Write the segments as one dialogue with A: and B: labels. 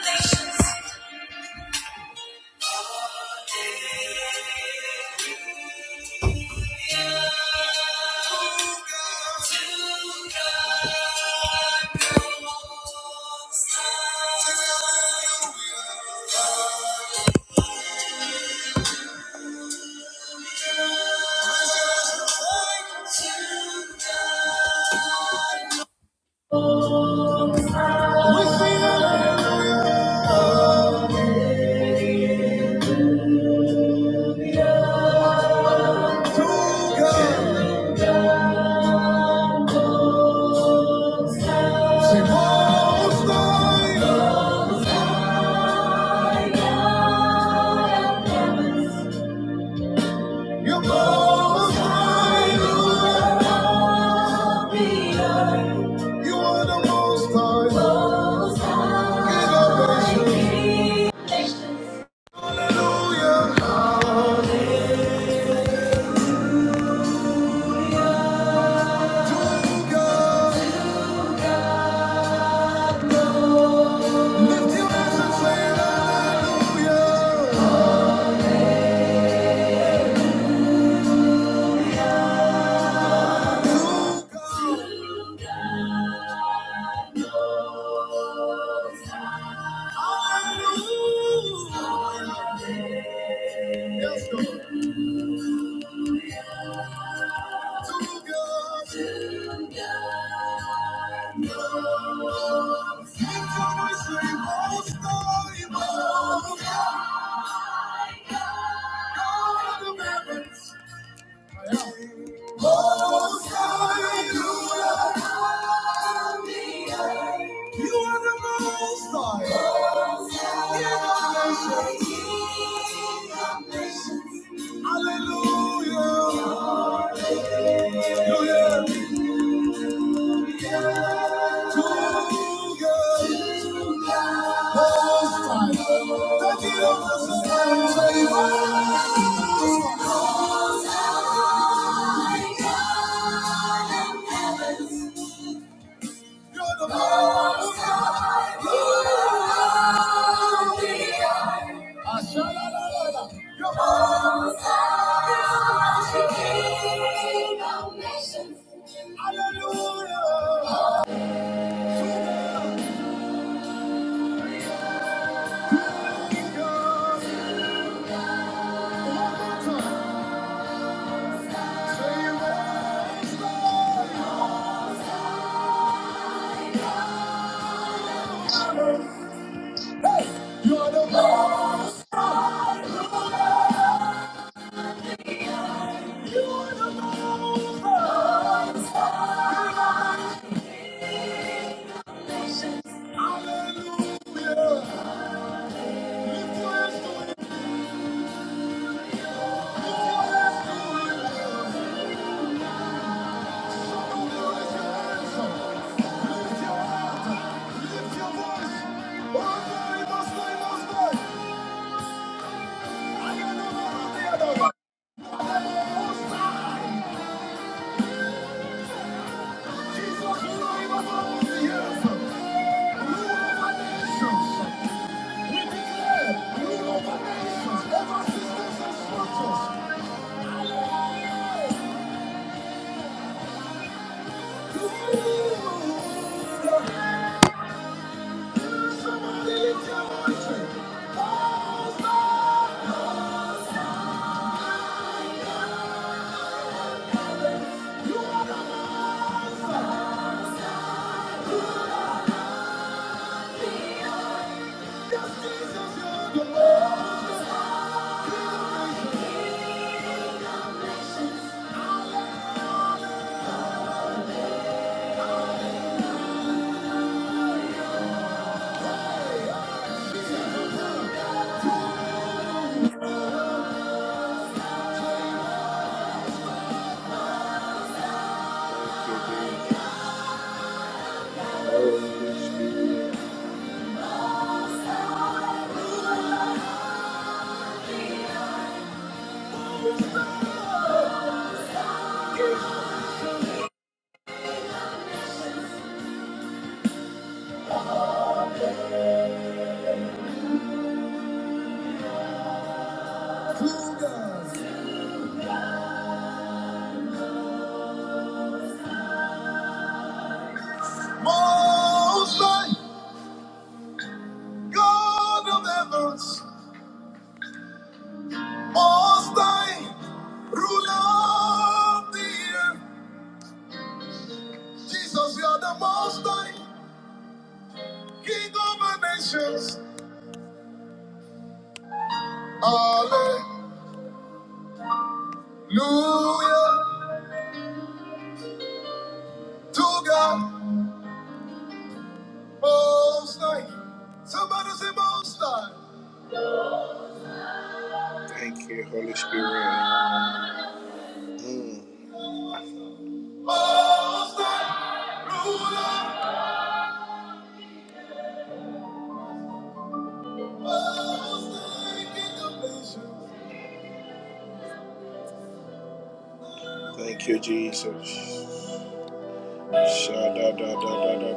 A: Say, Most High. You most high you love the earth. You are the most high. Most high. King of nations. Hallelujah. Lift your hands and say hallelujah. Yes, Lord. To God. To God. Most high. Lift your voice, say most high. Most high. God of heavens. Most High, you are on the earth. You are the Most High. Most High, Hallelujah. Most High. The King of the Sky, Savior. Most High, God of heavens. You're the most high. You are the Almighty. You're the most high. You are the King of nations. Hallelujah. You're the most high. You're the most high. Hallelujah. Lift your hands to him. Lift your hands to him. Somebody lift your voice! Most High, God of heavens, Most High, ruler of the earth. Jesus, you are the Most High, King of the nations. Hallelujah to God. Most High. Somebody say Most High. Thank you, Holy Spirit. Most High, ruler. Most High, King of nations. Thank you, Jesus. Sha-da-da-da-da-da-da.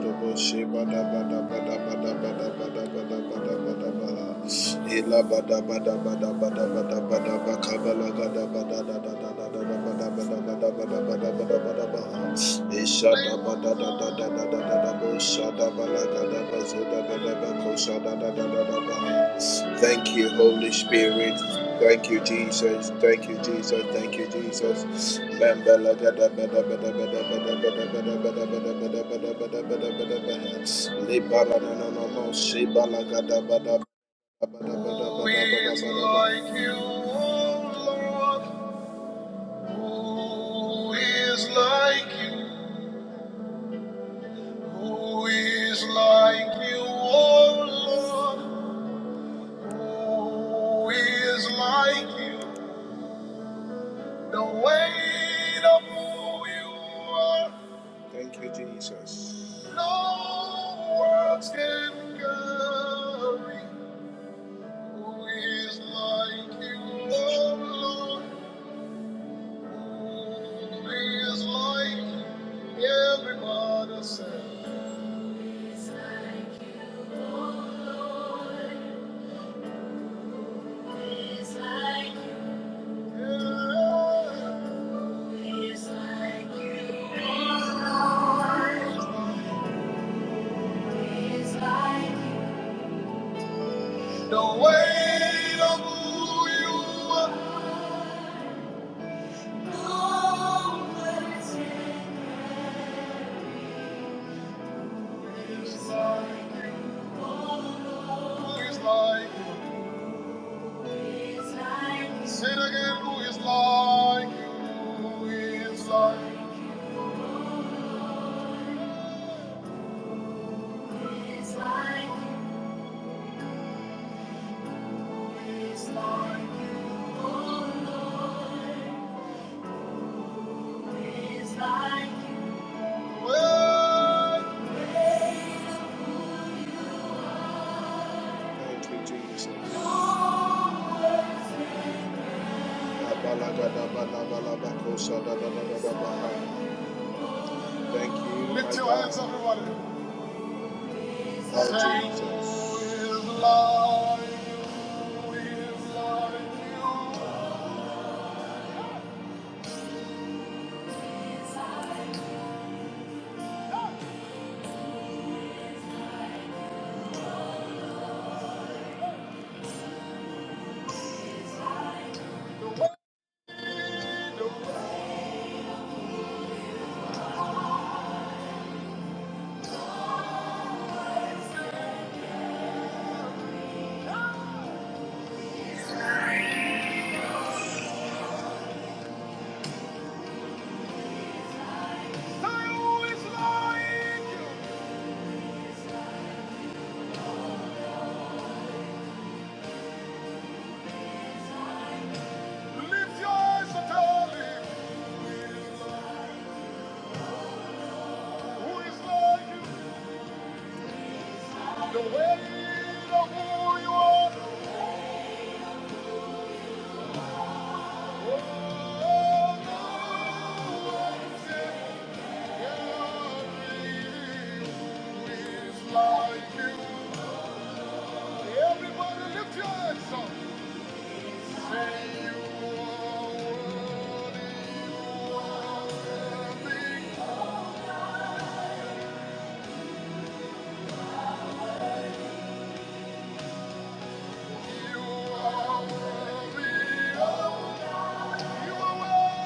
A: Shada Thank you, Holy Spirit. Thank you, Jesus. Thank you, Jesus. Thank you, Jesus. Bambala gada bada bada bada bada bada bada bada bada bada bada bada bada bada bada. Libara na na na na. Shibala gada bada bada bada bada bada bada bada. Who is like you, O Lord? Who is like you? Who is like you, O Lord? Who is like you? The weight of who you are. Thank you, Jesus. No words can carry. Who is like you, oh Lord? Who is like you? Everybody said. Yeah. who is like you. oh Lord? Who is like you? Yeah. Who is like you? No words can. Who is like you? Who is like you? Thank you, Jesus. Abalagadabalabalabakosadadadadabaha. Thank you. Lift your hands, everybody. Oh, Jesus. Who is like you? Lift your eyes and tell him who is like you. The weight of who you are. Oh, no. Thank you. are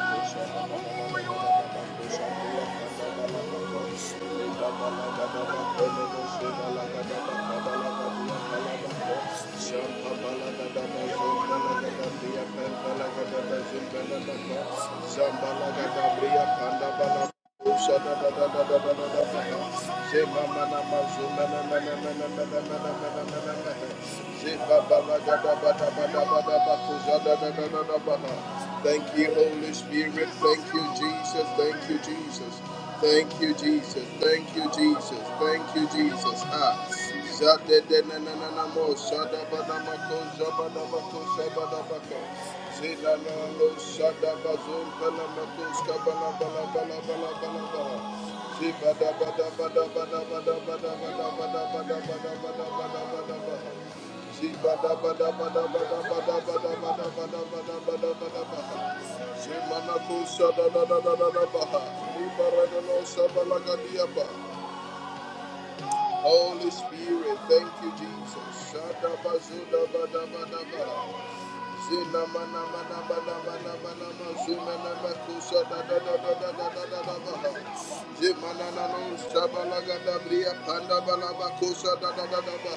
A: Zamba Thank you, Holy Spirit. Thank you, Jesus. Thank you, Jesus. Thank you, Jesus. Thank you, Jesus. Thank you, Jesus. Ah. Holy Spirit, thank you, Jesus. Zina mana mana mana mana mana ma na ma da da da da da da da da da ba na na no shabala bria panda bala kusa da da da da ba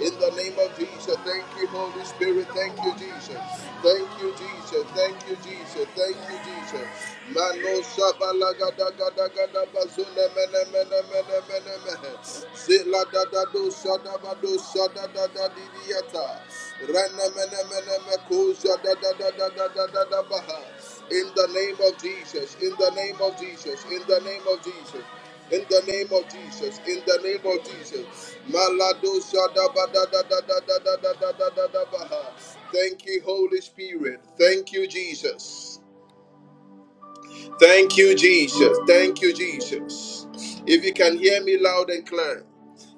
A: In the name of Jesus, thank you, Holy Spirit. Thank you, Jesus. Thank you, Jesus. Thank you, Jesus. Thank you, Jesus. Mano shabala gada gada gada da zuna mene mene mene mene mene. Zila da da do shada ba do shada da da di Rana mena mena me kozia da da da da da da da da baha. In the name of Jesus, in the name of Jesus, in the name of Jesus, in the name of Jesus, in the name of Jesus. Malado shada ba da da da da da da da da da da da baha. Thank you, Holy Spirit. Thank you, Jesus. Thank you, Jesus. Thank you, Jesus. If you can hear me loud and clear,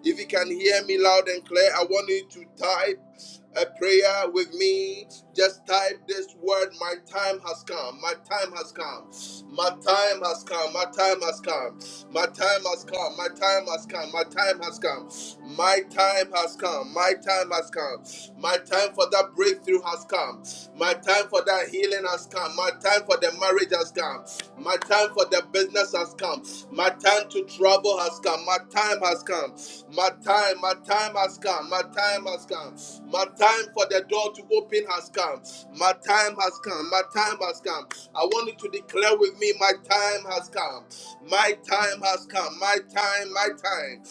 A: if you can hear me loud and clear, I want you to type a prayer with me, just type this word My time has come. My time has come. My time has come. My time has come. My time has come. My time has come. My time has come. My time has come. My time has come. My time for that breakthrough has come. My time for that healing has come. My time for the marriage has come. My time for the business has come. My time to travel has come. My time has come. My time, my time has come. My time has come. My time for the door to open has come. My time has come. My time has come. I want you to declare with me, my time has come. My time has come. My time, my time.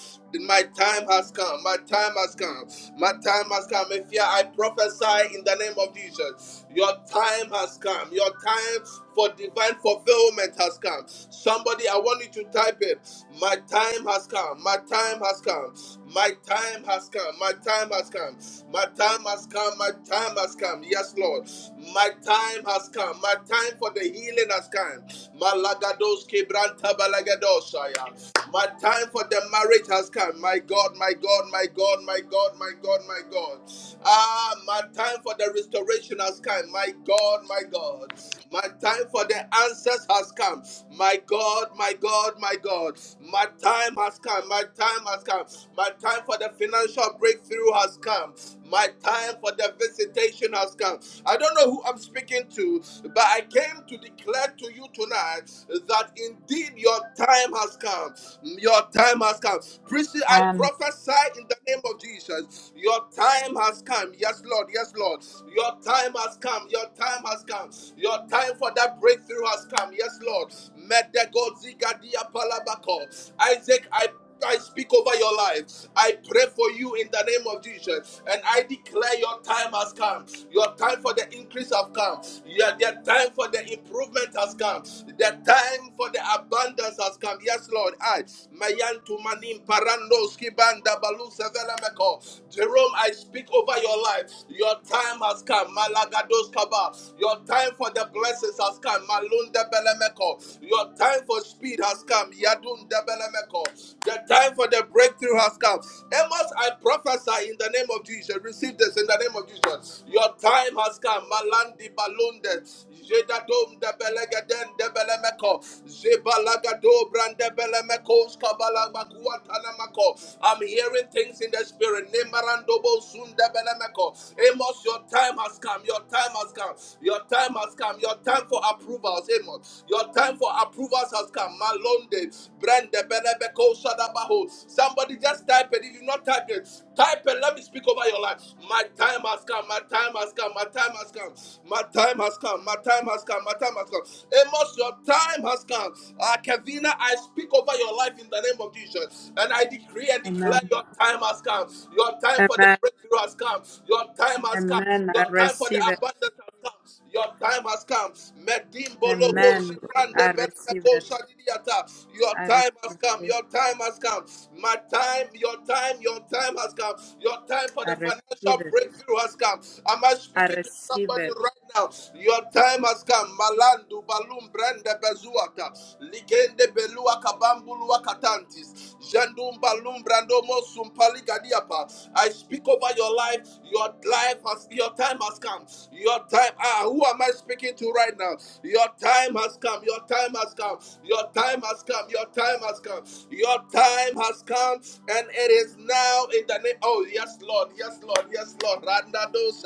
A: My time has come. My time has come. My time has come. If you I prophesy in the name of Jesus, your time has come. Your time for divine fulfillment has come. Somebody, I want you to type it. My time has come. My time has come. My time has come. My time has come. My time has come. My time has come. Yes, Lord. My time has come. My time for the healing has come. Malagados kebranta balagadosaya. My time for the marriage has come. My God, my God, my God, my God, my God, my God. Ah, my time for the restoration has come. My God, my God. My time for the answers has come. My God, my God, my God. My time has come. My time has come. My time for the financial breakthrough has come. My time for the visitation has come. I don't know who I'm speaking to, but I came to declare to you tonight that indeed your time has come. Your time has come. Priestly, I
B: Amen.
A: prophesy in the name of Jesus. Your time has come. Yes, Lord. Yes, Lord. Your time has come. Your time has come. Your time for that breakthrough has come. Yes, Lord. Medego zigadia palabako. Isaac, I I speak over your life. I pray for you in the name of Jesus. And I declare your time has come. Your time for the increase has come. Your the time for the improvement has come. The time for the abundance has come. Yes, Lord. I Mayan manim Parandoski Banda Balu Sevelameko. Jerome, I speak over your life. Your time has come. Malagados Kaba. Your time for the blessings has come. Malunda Belemeko. Your your time for speed has come. Yadun debelemeko. The time for the breakthrough has come. Amos, I prophesy in the name of Jesus. Receive this in the name of Jesus. Your time has come. Malandi balunde. Jedadom debelegen debelemeko. Zebalagado brandebelemeko. Skabalamakuatanamako. I'm hearing things in the spirit. Nemarandobo sundebelemeko. Amos, your time has come. Your time has come. Your time has come. Your time for approvals, Amen. Your time for approvals has come. Malonde, Brande, Belebeko, Shadabaho. Somebody just type it. If you not type it, type it. Let me speak over your life. My time has come. My time has come. My time has come. My time has come. My time has come. My time has come. Amos, your time has come. Ah, Kevina, I speak over your life in the name of Jesus. And I decree and declare
B: Amen.
A: your time has come. Your time for the
B: Amen.
A: breakthrough has come. Your time has come.
B: Amen.
A: Your
B: I
A: time for the
B: receive it.
A: abundance has come. Your time has come. Medimbo loko
B: Amen.
A: shibrande
B: I receive
A: belemeko
B: it.
A: shadidiata. Your
B: I
A: time has
B: receive
A: come.
B: it.
A: Your time has come. My time, your time, your time has come. Your time for
B: I
A: the
B: receive
A: financial
B: it.
A: breakthrough has come. Am I
B: I
A: speaking to?
B: receive
A: Somebody
B: it.
A: right now, your time has come. Malandu balum brenda bezuata, ligende belua kabambulu wakatantis, jandum balum brando mosum paligadiapa. I speak over your life. Your life has, your time has come. Your time. Ah, who am I speaking to right now? Your time has come. Your time has come. Your time has come. Your time has come. Your time has come, and it is now in the name. Oh yes, Lord. Yes, Lord. Yes, Lord. Randa dos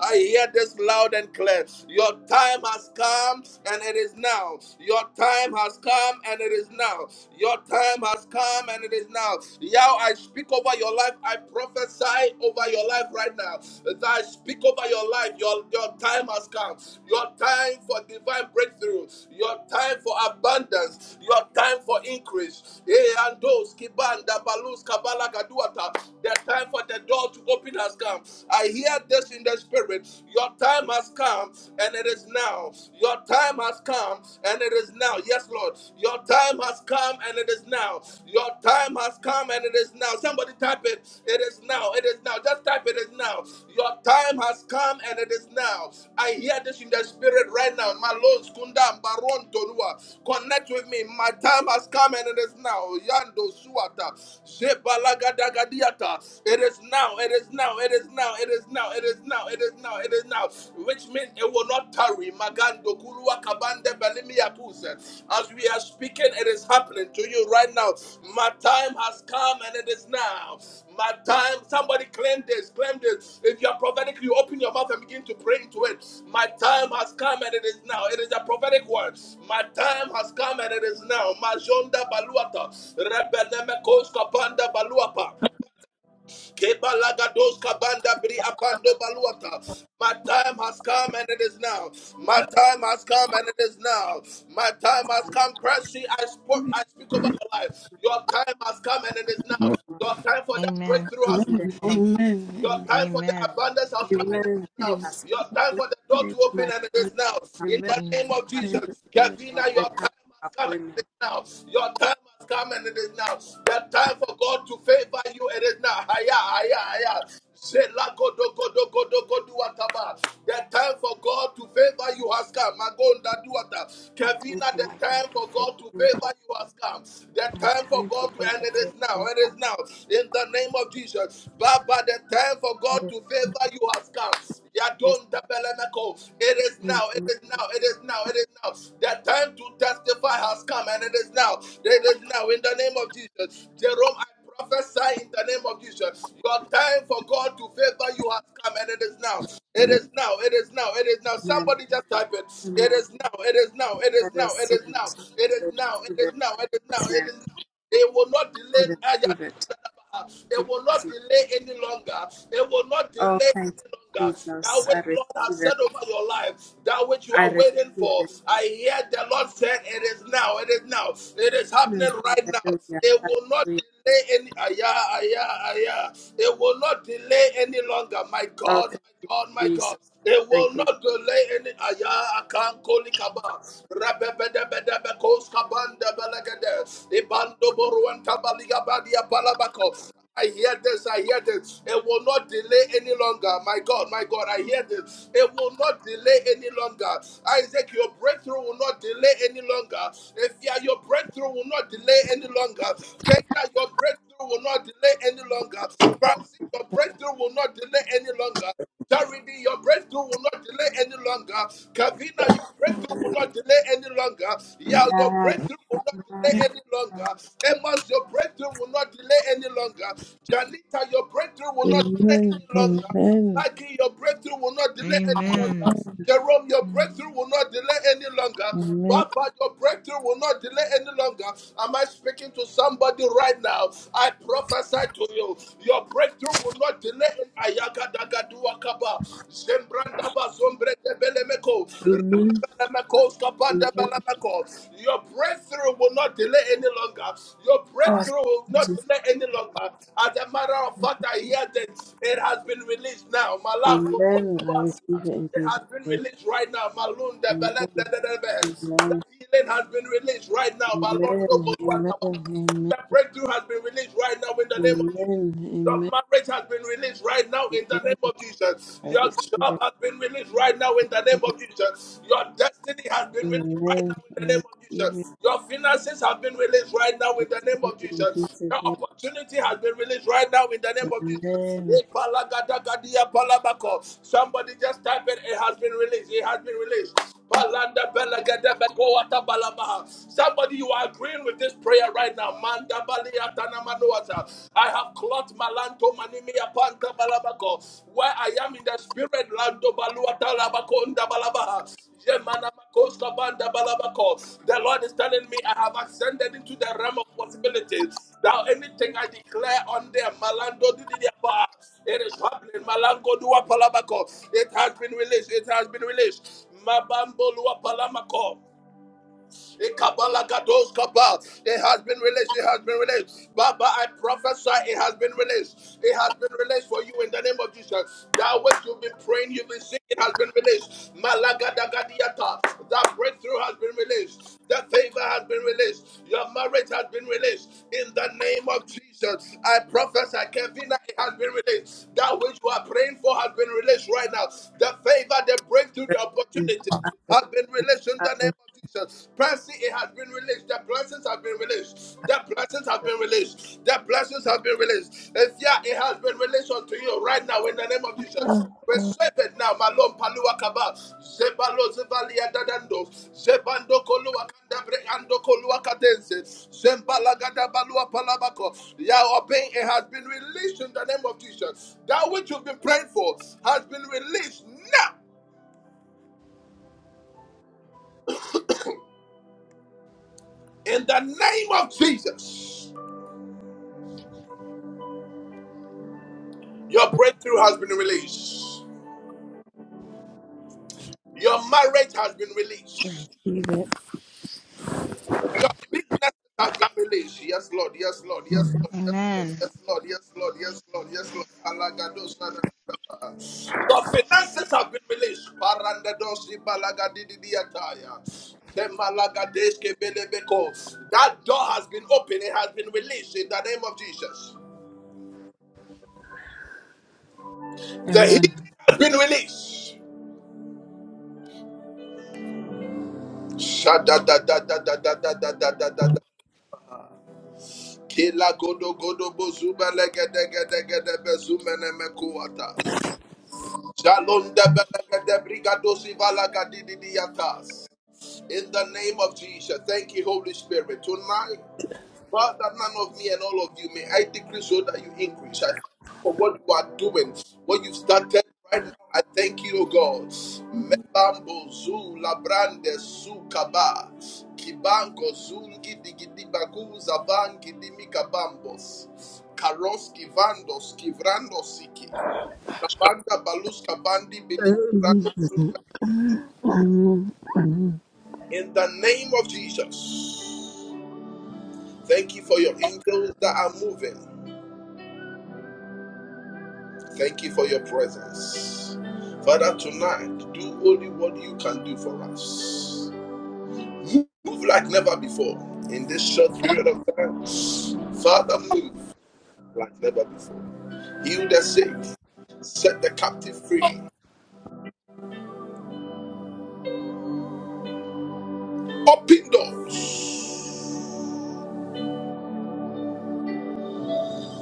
A: I hear this loud and clear. Your time has come and it is now. Your time has come and it is now. Your time has come and it is now. Yao, I speak over your life. I prophesy over your life right now. As I speak over your life, your, your time has come. Your time for divine breakthrough. Your time for abundance. Your time for increase. Eh, and those, Kiban, Dabalus, Kabala, Gaduata. The time for the door to open open has come. I hear this in the spirit. Your time has come and it is now. Your time has come and it is now. Yes, Lord. Your time has come and it is now. Your time has come and it is now. Somebody type it. It is now. It is now. Just type it is now. Your time has come and it is now. I hear this in the spirit right now. Malone Skunda Baron Tonua. Connect with me. My time has come and it is now. Yando Suata. Zebalagada Gadiata. It is now. It is now. It is now. It is now. It is now. It is now. It is now. Which means it will not tarry. Magando kulua kabande belimi yakuse. As we are speaking, it is happening to you right now. My time has come and it is now. My time. Somebody claim this. Claim this. If you are prophetic, you open your mouth and begin to pray into it. My time has come and it is now. It is a prophetic word. My time has come and it is now. Majonda baluata. Rebeneme koska panda baluapa. Kebalagados kabanda bri apando baluata. My time has come and it is now. My time has come and it is now. My time has come. Christy, I spoke, I speak over your life. Your time has come and it is now.
C: Amen.
B: In
A: Your time for that
D: Amen.
A: breakthrough has
C: Amen.
B: the
A: come. Your
C: Amen. Amen.
A: time for the
D: Amen.
A: abundance has come
B: mighty
A: and it
C: Amen.
A: is now.
B: task.
A: Your time for the door to
B: My
A: open and it
B: time,
A: is now.
C: Amen.
B: my
A: In
C: Amen.
A: the
D: Amen.
A: name of
B: God,
C: Amen.
A: Jesus,
B: my
A: Kevina, your
B: time for
A: time has come and it
B: appointment.
A: is now. Your time has come and it is now. The time for God to favor you it is now. Higher, higher, higher. Zelagodogodogodogoduataba. The time for God to favor you has come. Magonda duata.
B: My time
A: Kevina,
B: for
A: the
B: my
A: time
B: God to
A: for
B: favor
A: God to
B: me.
A: favor you has come. The
B: My
A: time for
B: time for
A: God to,
B: God
A: and
B: to
A: it
B: favor
A: is now.
B: me.
A: It
B: I
A: is now. In the name of Jesus. Baba, the time for
B: feel
A: God
B: the
A: to favor you has come.
B: grace of
A: Yadonda belemeko. It is
B: him.
A: now. It
B: Amen.
A: is now. It is now. It is now. The time to testify has come, and it is now. It is now. In the name of Jesus. Jerome, I prophesy in the name of Jesus. Your time for God to favor you has come, and it is now. It is now. It is now. It is now. Somebody just type it. It
B: Amen.
A: is now. It is now. It
B: I
A: is now. It
B: receive
A: is now.
B: it. I
A: It is now. It
B: receive
A: is
B: it.
A: now. It is now. It
B: Amen.
A: is now. It will not
B: I
A: delay. They will
B: receive
A: not
B: it.
A: delay any longer. They will not delay
B: Oh, thank
A: any
B: you,
A: longer. That
B: Jesus.
A: which
B: I
A: the
B: receive
A: Lord has
B: it.
A: said over your life, that which you
B: I
A: are
B: receive
A: waiting for.
B: it.
A: I hear the Lord said, It is now, it is now, it is
B: Mm.
A: happening right now.
B: Hallelujah.
A: They will not
B: Hallelujah.
A: delay any aya, aya, aya. They will not delay any longer. My
B: Oh,
A: God,
B: thank you,
A: God, my
B: Jesus.
A: God, they
B: Thank
A: will
B: you.
A: not delay any aya akan koli kaba rabebedebedebe kos kaban debelegede ibando boruan kabaliga badia palabako. I hear this, I hear this. It will not delay any longer. My God, my God, I hear this. It will not delay any longer. Isaac, your breakthrough will not delay any longer. If your breakthrough will not delay any longer. Kenya, your breakthrough will not delay any longer. Francis, your breakthrough will not delay any longer. Charity, your breakthrough will not delay any longer. Kavina, your breakthrough will not delay any longer. Yeah, your
B: Amen.
A: breakthrough will not
B: Amen.
A: delay any longer. Amos, your breakthrough will not delay any longer. Janita, your breakthrough will not delay
C: Amen.
A: any longer. Maggie, your breakthrough will not delay any longer.
D: Amen.
A: Jerome, your
D: Mm.
A: breakthrough will not delay any longer. Baba, your breakthrough will not delay delay any longer. Am I speaking to somebody right now? I prophesy to you, your breakthrough will not delay. Ayakadagaduakaba, Zembrandaba, Zombretebelemeko,
C: Amen.
A: Rababelemeko,
C: Amen.
A: Skabandabelemeko. Your breakthrough will not delay any longer. Your
B: Oh, thank
A: breakthrough will not delay any longer. As a matter of fact, I hear that it has been released now. Malam
C: Amen. I receive
A: Kuluakabasia.
C: it in
A: It
C: Jesus'
A: has been
C: name.
A: released right now. Malun de Belen de
C: Amen.
A: de de de.
C: Amen.
A: That healing has been released right now. Malon de
C: Amen. Amen.
A: Kuluakabasia.
C: Amen. Amen.
A: That breakthrough has been released right now in the name of Jesus.
C: Amen.
A: Your
C: Amen.
A: marriage has been released right now in the name of Jesus.
C: I
A: Your
C: receive
A: job
C: it.
A: has been released right now in the name of Jesus. Your destiny has been released right
C: Amen.
A: now in
C: I
A: the name of
C: receive it.
A: Jesus. Your finances have been released right now
C: I
A: in the name
C: receive
A: of
C: it in
A: Jesus. Your
C: Jesus' name.
A: opportunity has been released right now in the name of Jesus.
C: Amen.
A: Ipalagadagadia palabako. Somebody just type it. It has been released. It has been released. Somebody, you are agreeing with this prayer right now. I have clocked malanto manimia panta balabako. Where I am in the spirit, lando baluata labakonda balabaha. balabako. The Lord is telling me I have ascended into the realm of possibilities. Now anything I declare on them, Malando didiapa, it is happening. Malango dua palabako. It has been released. It has been released. Mabambo Luapalamako. Ikabalagados kaba. It has been released. It has been released. Baba, I prophesy it has been released. It has been released for you in the name of Jesus. That which you've been praying, you've been seeing, it has been released. Malagadagadiata. That breakthrough has been released. That favor has been released. Your marriage has been released in the name of Jesus. I prophesy, Kevin, it has been released. That which you are praying for has been released right now. The favor, the breakthrough, the
B: you.
A: opportunity
B: I
A: has been
B: receive.
A: released in
B: I
A: the name of
B: receive.
A: Jesus. Jesus. Percy, it has been released. The blessings have been released. The blessings have been released. The blessings have been released. If yeah, it has been released unto you right now in the name of Jesus.
C: Oh,
A: Receive it now, Malon Palua Kaba, Zebalo Zevalia Dadando, Zebando Kolua Kandabre Ando Kolua Kadense, Zembala Gadabalua Palabako. Yeah, obeying it has been released in the name of Jesus. That which you've been praying for has been released now in the name of Jesus. Your breakthrough has been released. Your marriage has been
C: I
A: released.
C: receive it.
A: Your business has been released. Yes, Lord. Yes, Lord. Yes, Lord.
D: Amen.
A: Yes, Lord. Yes, Lord. Yes, Lord. Yes, Lord. Yes, Lord. Alagado sadadaba. Your finances have been released. Parandadosi balagadididiataya. Zemalagadeske belebeko. That door has been opened. It has been released in the name of Jesus. The
B: Amen.
A: healing has been released. Shada da da da da da da da da da da Kila godo godo bozuba lege dege dege de mekuatas. Shalom de belege de brigado sivala gadidi diatas. In the name of Jesus, thank you, Holy Spirit. Tonight. Father, none of me and all of you may I decrease so that you increase. I thank you for what you are doing, what you've started right now. I thank you, O God. Mebambo zu labrande su kaba kibango zungi digidi bagu zaban gidimi kabambos karos kivandos kivrando siki kabanda balus kabandi bilimi brando
C: Amen.
A: in the name of Jesus. Thank you for your angels that are moving. Thank you for your presence. Father, tonight, do only what you can do for us. Move like never before in this short period of time. Father, move like never before. Heal the sick, set the captive free, open doors,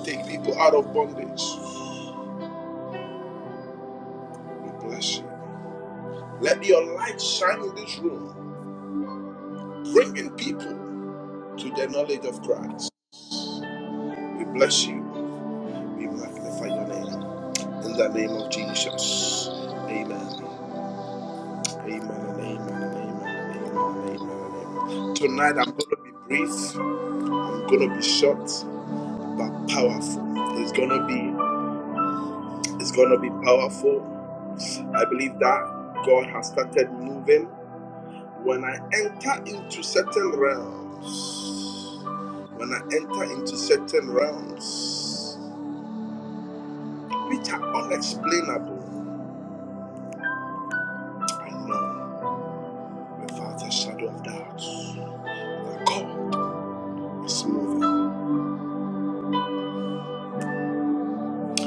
A: take people out of bondage. We bless you. Let your light shine in this room, bringing people to the knowledge of Christ. We bless you. We magnify your name. In the name of Jesus. Amen. Amen amen amen amen amen amen. Tonight I'm gonna be brief. I'm gonna be short but powerful. It's gonna be it's gonna be powerful. I believe that God has started moving. When I enter into certain realms, when I enter into certain realms which are unexplainable, I know without a shadow of doubt. that God It's moving.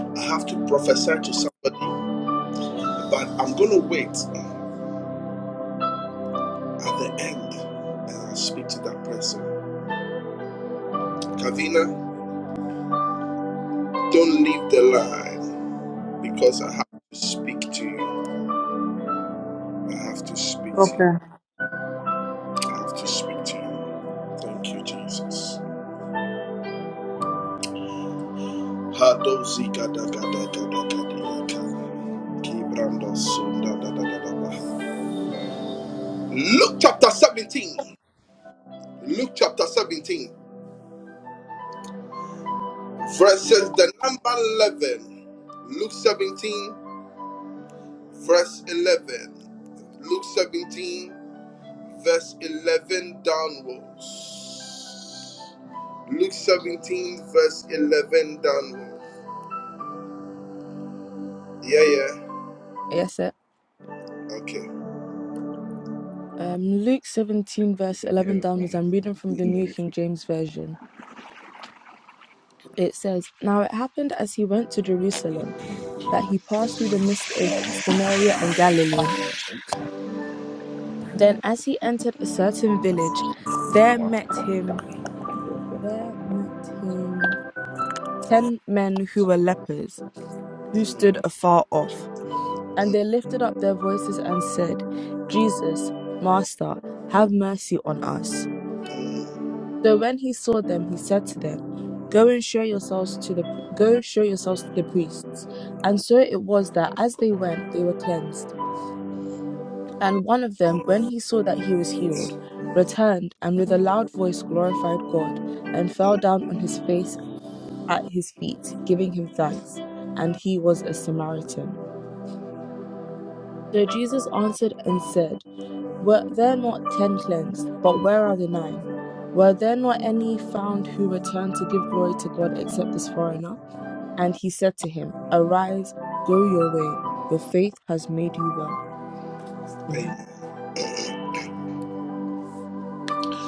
A: I have to prophesy to somebody, but I'm going to wait at the end and I'll speak to that person. Kavina, don't leave the line because I have to speak to you. I have to speak to you.
B: Okay.
A: I have to speak to you. Thank you, Jesus. Hadozi Luke chapter 17. Luke chapter 17. Verses the number 11. Luke 17, verse 11. Luke 17, verse 11 downwards. Luke 17, verse 11 downwards. Yeah, yeah.
E: Yes, sir.
A: Okay.
E: Um, Luke 17,
F: He
E: verse
F: said, "You have
E: 11
F: a
E: downwards,
F: con
E: I'm reading from the
F: in
E: New
F: every
E: King
F: free."
E: James Version. It says, Now it happened as he went to Jerusalem that he passed through the midst of Samaria and Galilee. Then, as he entered a certain village, there met him there met him ten men who were lepers, who
A: Mm,
E: stood afar off. And they lifted up their voices and said, 'Jesus, Master, have mercy on us. So when he saw them, he said to them, Go and show yourselves to the go show yourselves to the priests. And so it was that as they went, they were cleansed. And one of them, when he saw that he was healed, returned and with a loud voice glorified God, and fell down on his face at his feet, giving him thanks. And he was a Samaritan. So Jesus answered and said, Were there not ten cleansed? But where are the nine? Were there not any found who returned to give glory to God except this foreigner? And he said to him, Arise, go your way. Your faith has made you well. Amen.
A: amen.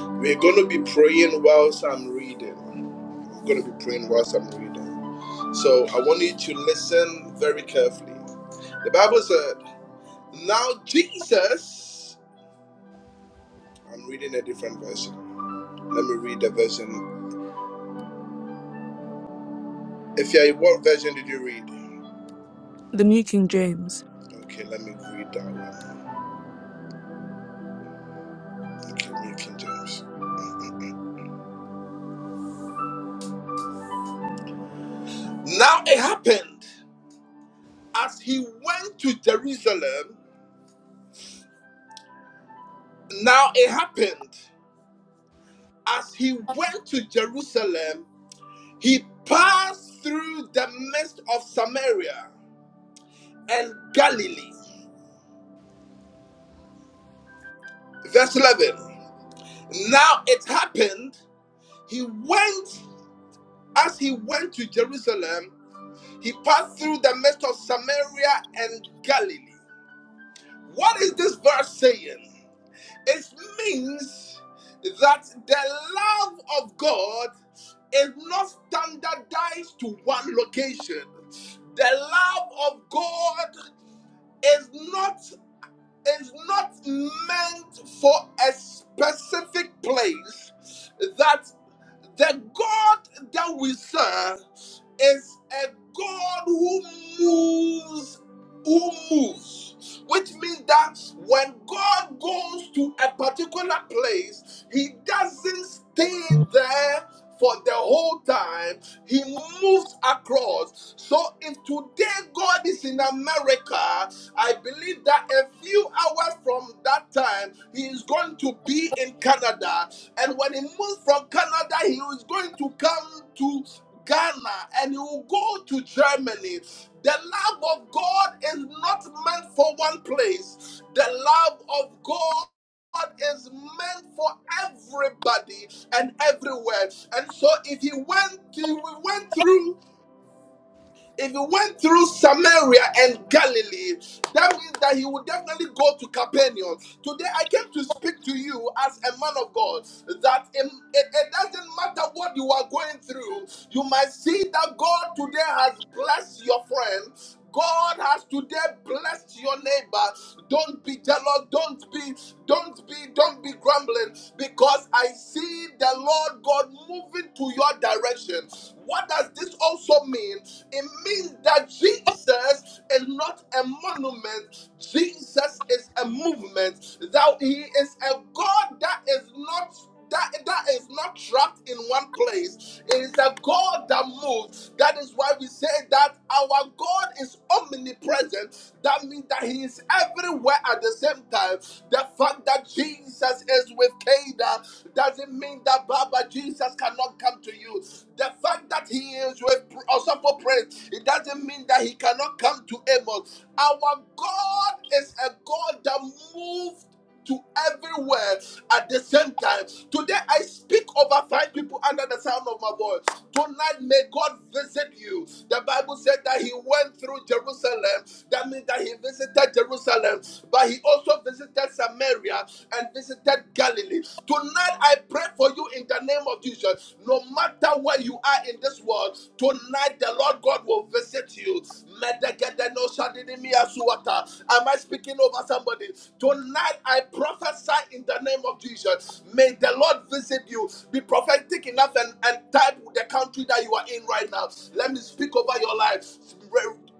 A: We're going to be praying whilst I'm reading. We're going to be praying whilst I'm reading. So I want you to listen very carefully. The Bible said, Now Jesus, I'm reading a different version. Let me read the version. If you what version did you read?
E: The New King James.
A: Okay, let me read that one. Okay, New King James. Now it happened as he went to Jerusalem. Now it happened as he went to Jerusalem, he passed through the midst of Samaria and Galilee. Verse 11. Now it happened he went as he went to Jerusalem, he passed through the midst of Samaria and Galilee. What is this verse saying? It means that the love of God is not standardized to one location. The love of God is not is not meant for a specific place. That the God that we serve is a God who moves, who moves, which means that when God goes to a particular place, He doesn't stay there for the whole time, He moves across. So if today God is in America, I believe that a few hours from that time, He is going to be in Canada. And when he moved from Canada, he was going to come to Ghana and he will go to Germany. The love of God is not meant for one place, the love of God. God is meant for everybody and everywhere, and so if he went, if we went through. If he went through Samaria and Galilee, that means that he would definitely go to Capernaum. Today I came to speak to you as a man of God that it, it it doesn't matter what you are going through. You might see that God today has blessed your friend. God has today blessed your neighbor. Don't be jealous. Don't be, don't be, don't be grumbling because I see the Lord God moving to your direction. What does this also mean? It means that Jesus is not a monument. Jesus is a movement, that he is a God that is not that, that is not trapped in one place. It is a God that moves. That is why we say that our God is omnipresent. That means that He is everywhere at the same time. The fact that Jesus is with Kada doesn't mean that Baba Jesus cannot come to you. The fact that He is with also for praise, it doesn't mean that He cannot come to Amos. Our God is a God that moved to everywhere at the same time. Today I speak over five people under the sound of my voice. Tonight may God visit you. The Bible said that he went through Jerusalem. That means that he visited Jerusalem, but he also visited Samaria and visited Galilee. Tonight, I pray for you in the name of Jesus. No matter where you are in this world, tonight the Lord God will visit you. Am I speaking over somebody? Tonight, I prophesy in the name of Jesus. May the Lord visit you. Be prophetic enough and, and type the country that you are in right now. Let me speak over your life.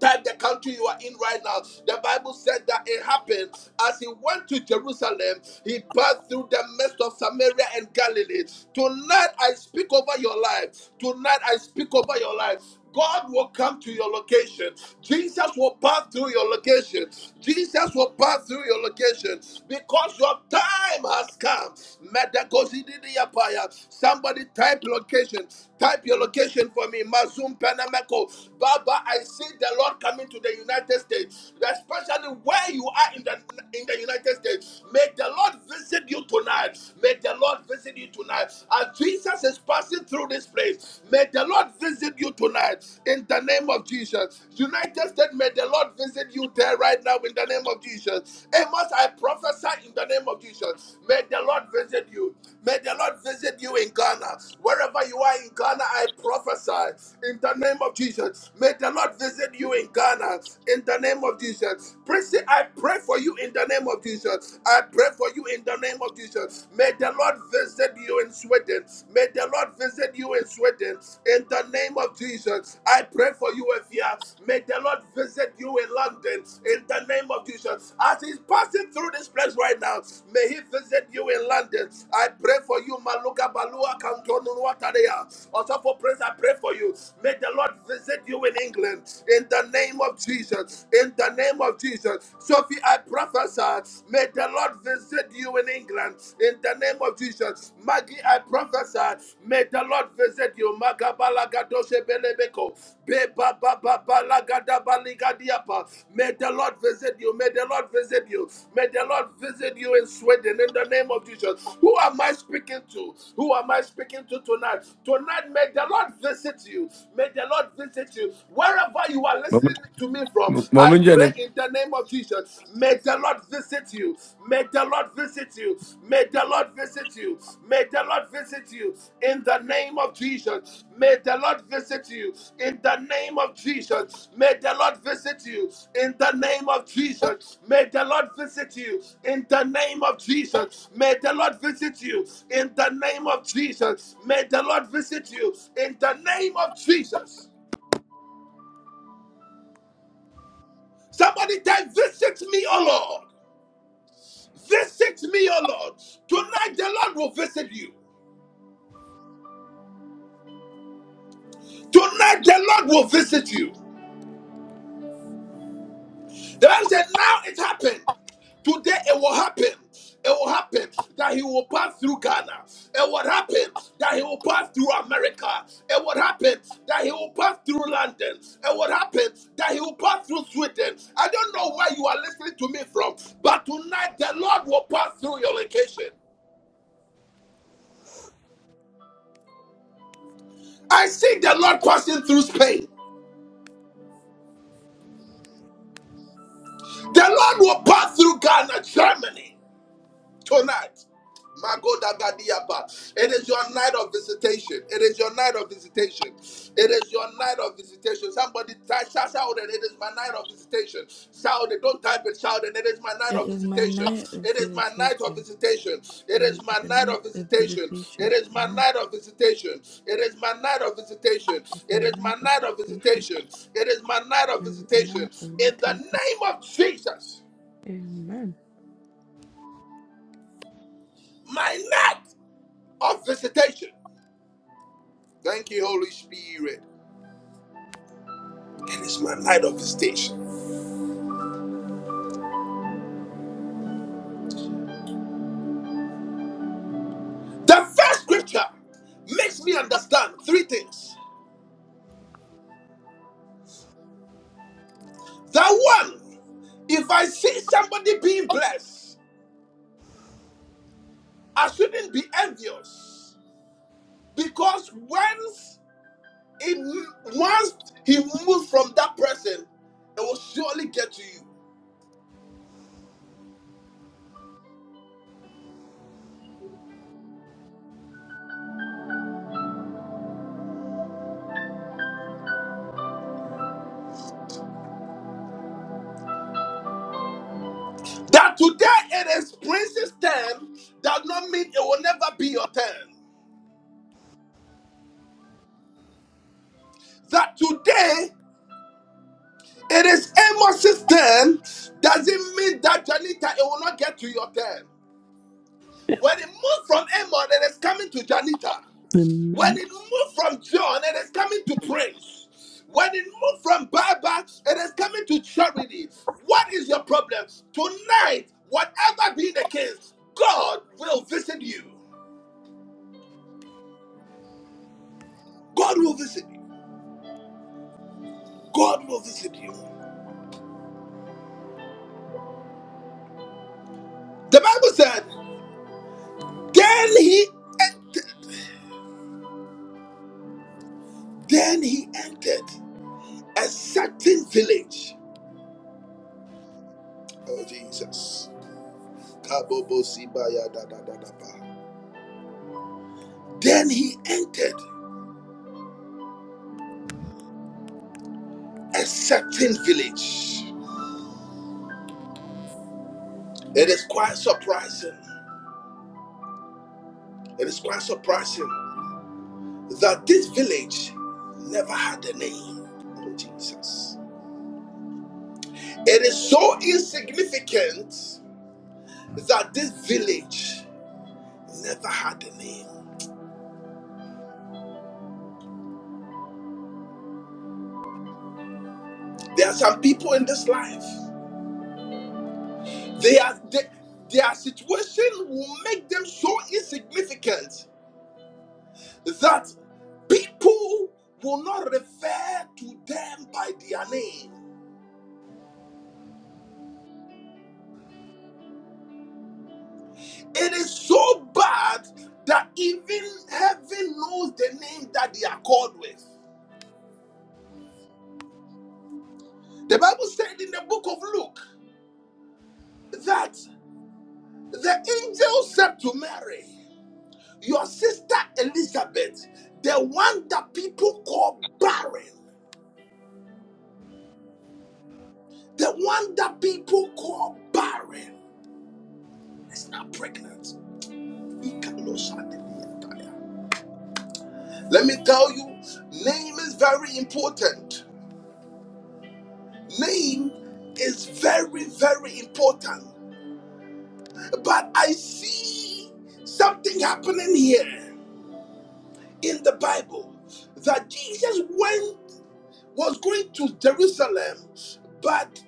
A: Type the country you are in right now. The Bible said that it happened as he went to Jerusalem, he passed through the midst of Samaria and Galilee. Tonight I speak over your life. Tonight I speak over your life. God will come to your location. Jesus will pass through your location. Jesus will pass through your location because your time has come. Medagosididiyapaya. Somebody type location. Type your location for me. Mazum Penameko. Baba, I see see the Lord coming to the United States, especially where you are in the in the United States. May the Lord visit you tonight. May the Lord visit you tonight. As Jesus is passing through this place, may the Lord visit you tonight in the name of Jesus. United States, may the Lord visit you there right now in the name of Jesus. Amos, I prophesy in the name of Jesus. May the Lord visit you. May the Lord visit you in Ghana. Wherever you are in Ghana, I prophesy in the name of Jesus. May the Lord visit you in Ghana in the name of Jesus. Prissy, I pray for you in the name of Jesus. I pray for you in the name of Jesus. May the Lord visit you in Sweden. May the Lord visit you in Sweden in the name of Jesus. I pray for you, Evia. May the Lord visit you in London mountain in the name of Jesus. As he's passing through this place right now, may he visit you in London. I pray for you, Maluka Balua Kantonu Wataria. Also for praise, I pray for you. May the Lord visit you in England in the name of Jesus. In the name of Jesus. Sophie, I prophesy. May the Lord visit you in England in the name of Jesus. Maggie, I prophesy. May the Lord Lord visit you. Makabalagadoshebelebeko. Beba baba balagada baligadiapa. May the Lord visit you. May the Lord visit you. May the Lord visit you in Sweden in the name of Jesus. Who am I speaking to? Who am I speaking to tonight? Tonight, may the Lord visit you. May the Lord visit you. Wherever you are
G: Mama
A: listening to me from, I
G: Mama
A: pray in the name of Jesus. May the Lord visit you. May the Lord visit you. May the Lord visit you. May the Lord visit you in the name of Jesus. May the Lord visit you in the name of Jesus. May the Lord visit you in the name of Jesus. May the Lord visit you in the name of Jesus. May the Lord visit you in the name of Jesus. May the Lord visit you in the name of Jesus. Somebody tell visit me, oh Lord. Visit me, O Lord. Tonight the Lord will visit you. Tonight the Lord will visit you. The Bible said, Now it happened. Today it will happen. It will happen that he will pass through Ghana. It will happen that he will pass through America. It will happen that he will pass through London. It will happen that he will pass through Sweden. I don't know where you are listening to me from, but tonight the Lord will pass through your location. I see the Lord passing through Spain. The Lord will pass through Ghana, Germany tonight. Magodagadiaba. It is your night of visitation. It is your night of visitation. It is your night of visitation. Somebody type, shout, shout it. It is my night of visitation. Shout it. Don't type it. Shout it. It is my night
E: It
A: of
E: is my
A: visitation.
E: night of
A: It is my night of
E: visitation.
A: visitation. It
E: It
A: is
E: is
A: my
E: my
A: night
E: night
A: of
E: of
A: visitation. It
E: visitation.
A: is my
E: Amen.
A: night of visitation. It is my night of visitation.
E: It's
A: It
E: my
A: is
E: night
A: my
E: of
A: night of
E: visitation.
A: visitation. It is my night of
E: It is my
A: visitation.
E: night of
A: In the
E: visitation.
A: name of Jesus.
E: Amen.
A: my night of visitation. Thank you, Holy Spirit. It is my night of visitation. The first scripture makes me understand three things. That one, if I see somebody being blessed, I shouldn't be envious because once it once he moves from that person, it will surely get to you. That today it is Prince's turn does not mean it will never be your turn that today It is Amos's turn. Doesn't mean that Janita it will not get to your turn. When it moved from Amos, it is coming to Janita. When
C: Amen.
A: it moved from John, it is coming to Prince. When it moved from Baba, it is coming to Charity. What is your problem? Tonight, whatever be the case, God will visit you. God will visit you. God will visit you. The Bible said, then he entered. Then he entered. a certain village. Oh Jesus. Then he entered a certain village. It is quite surprising. It is quite surprising that this village never had a name. Oh Jesus. It is so insignificant that this village never had a name. There are some people in this life. They are, they, their situation will make them so insignificant that people will not refer to them by their name. It is so bad that even heaven knows the name that they are called with. The Bible said in the book of Luke that the angel said to Mary, Your sister Elizabeth, the one that people call barren, the one that people call barren. is not pregnant. He cannot shut the name down. Let me tell you, name is very important. Name is very, very important. But I see something happening here in the Bible that Jesus went was going to Jerusalem, but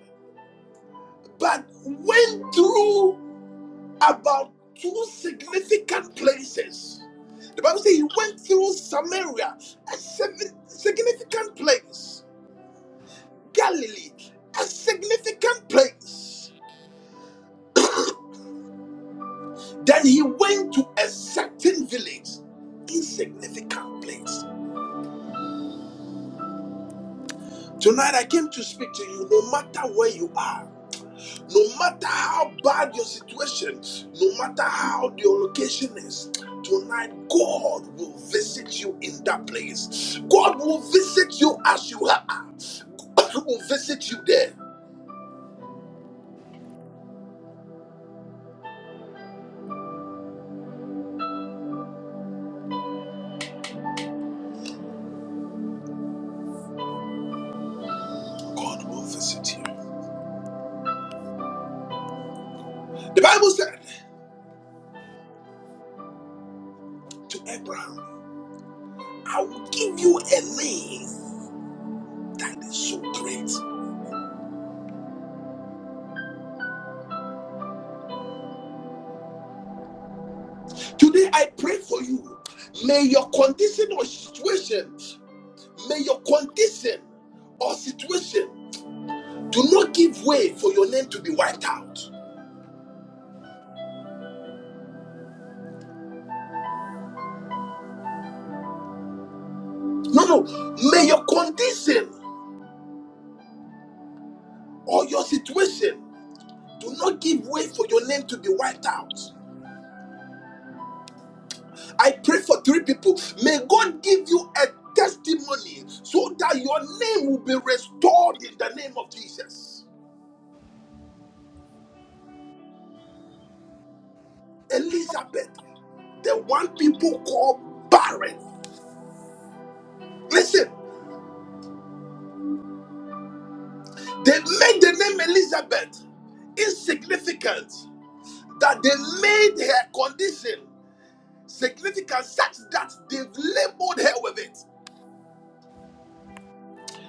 A: but went through. about two significant places. The Bible says he went through Samaria, a seven- significant place, Galilee, a significant place. Then he went to a certain village, insignificant place. Tonight I came to speak to you no matter where you are. No matter how bad your situation, no matter how the location is, tonight God will visit you in that place. God will visit you as you are. God will visit you there. God will visit you. The Bible said to Abraham, I will give you a name that is so great. Today I pray for you. May your condition or situation, may your condition or situation Do not give way for your name to be wiped out. No, no. May your condition or your situation do not give way for your name to be wiped out. I pray for three people. May God give you a testimony so that your name will be restored in the name of Jesus. Elizabeth, the one people call barren. Listen, they made the name Elizabeth insignificant, that they made her condition. significance such that they've labeled her with it.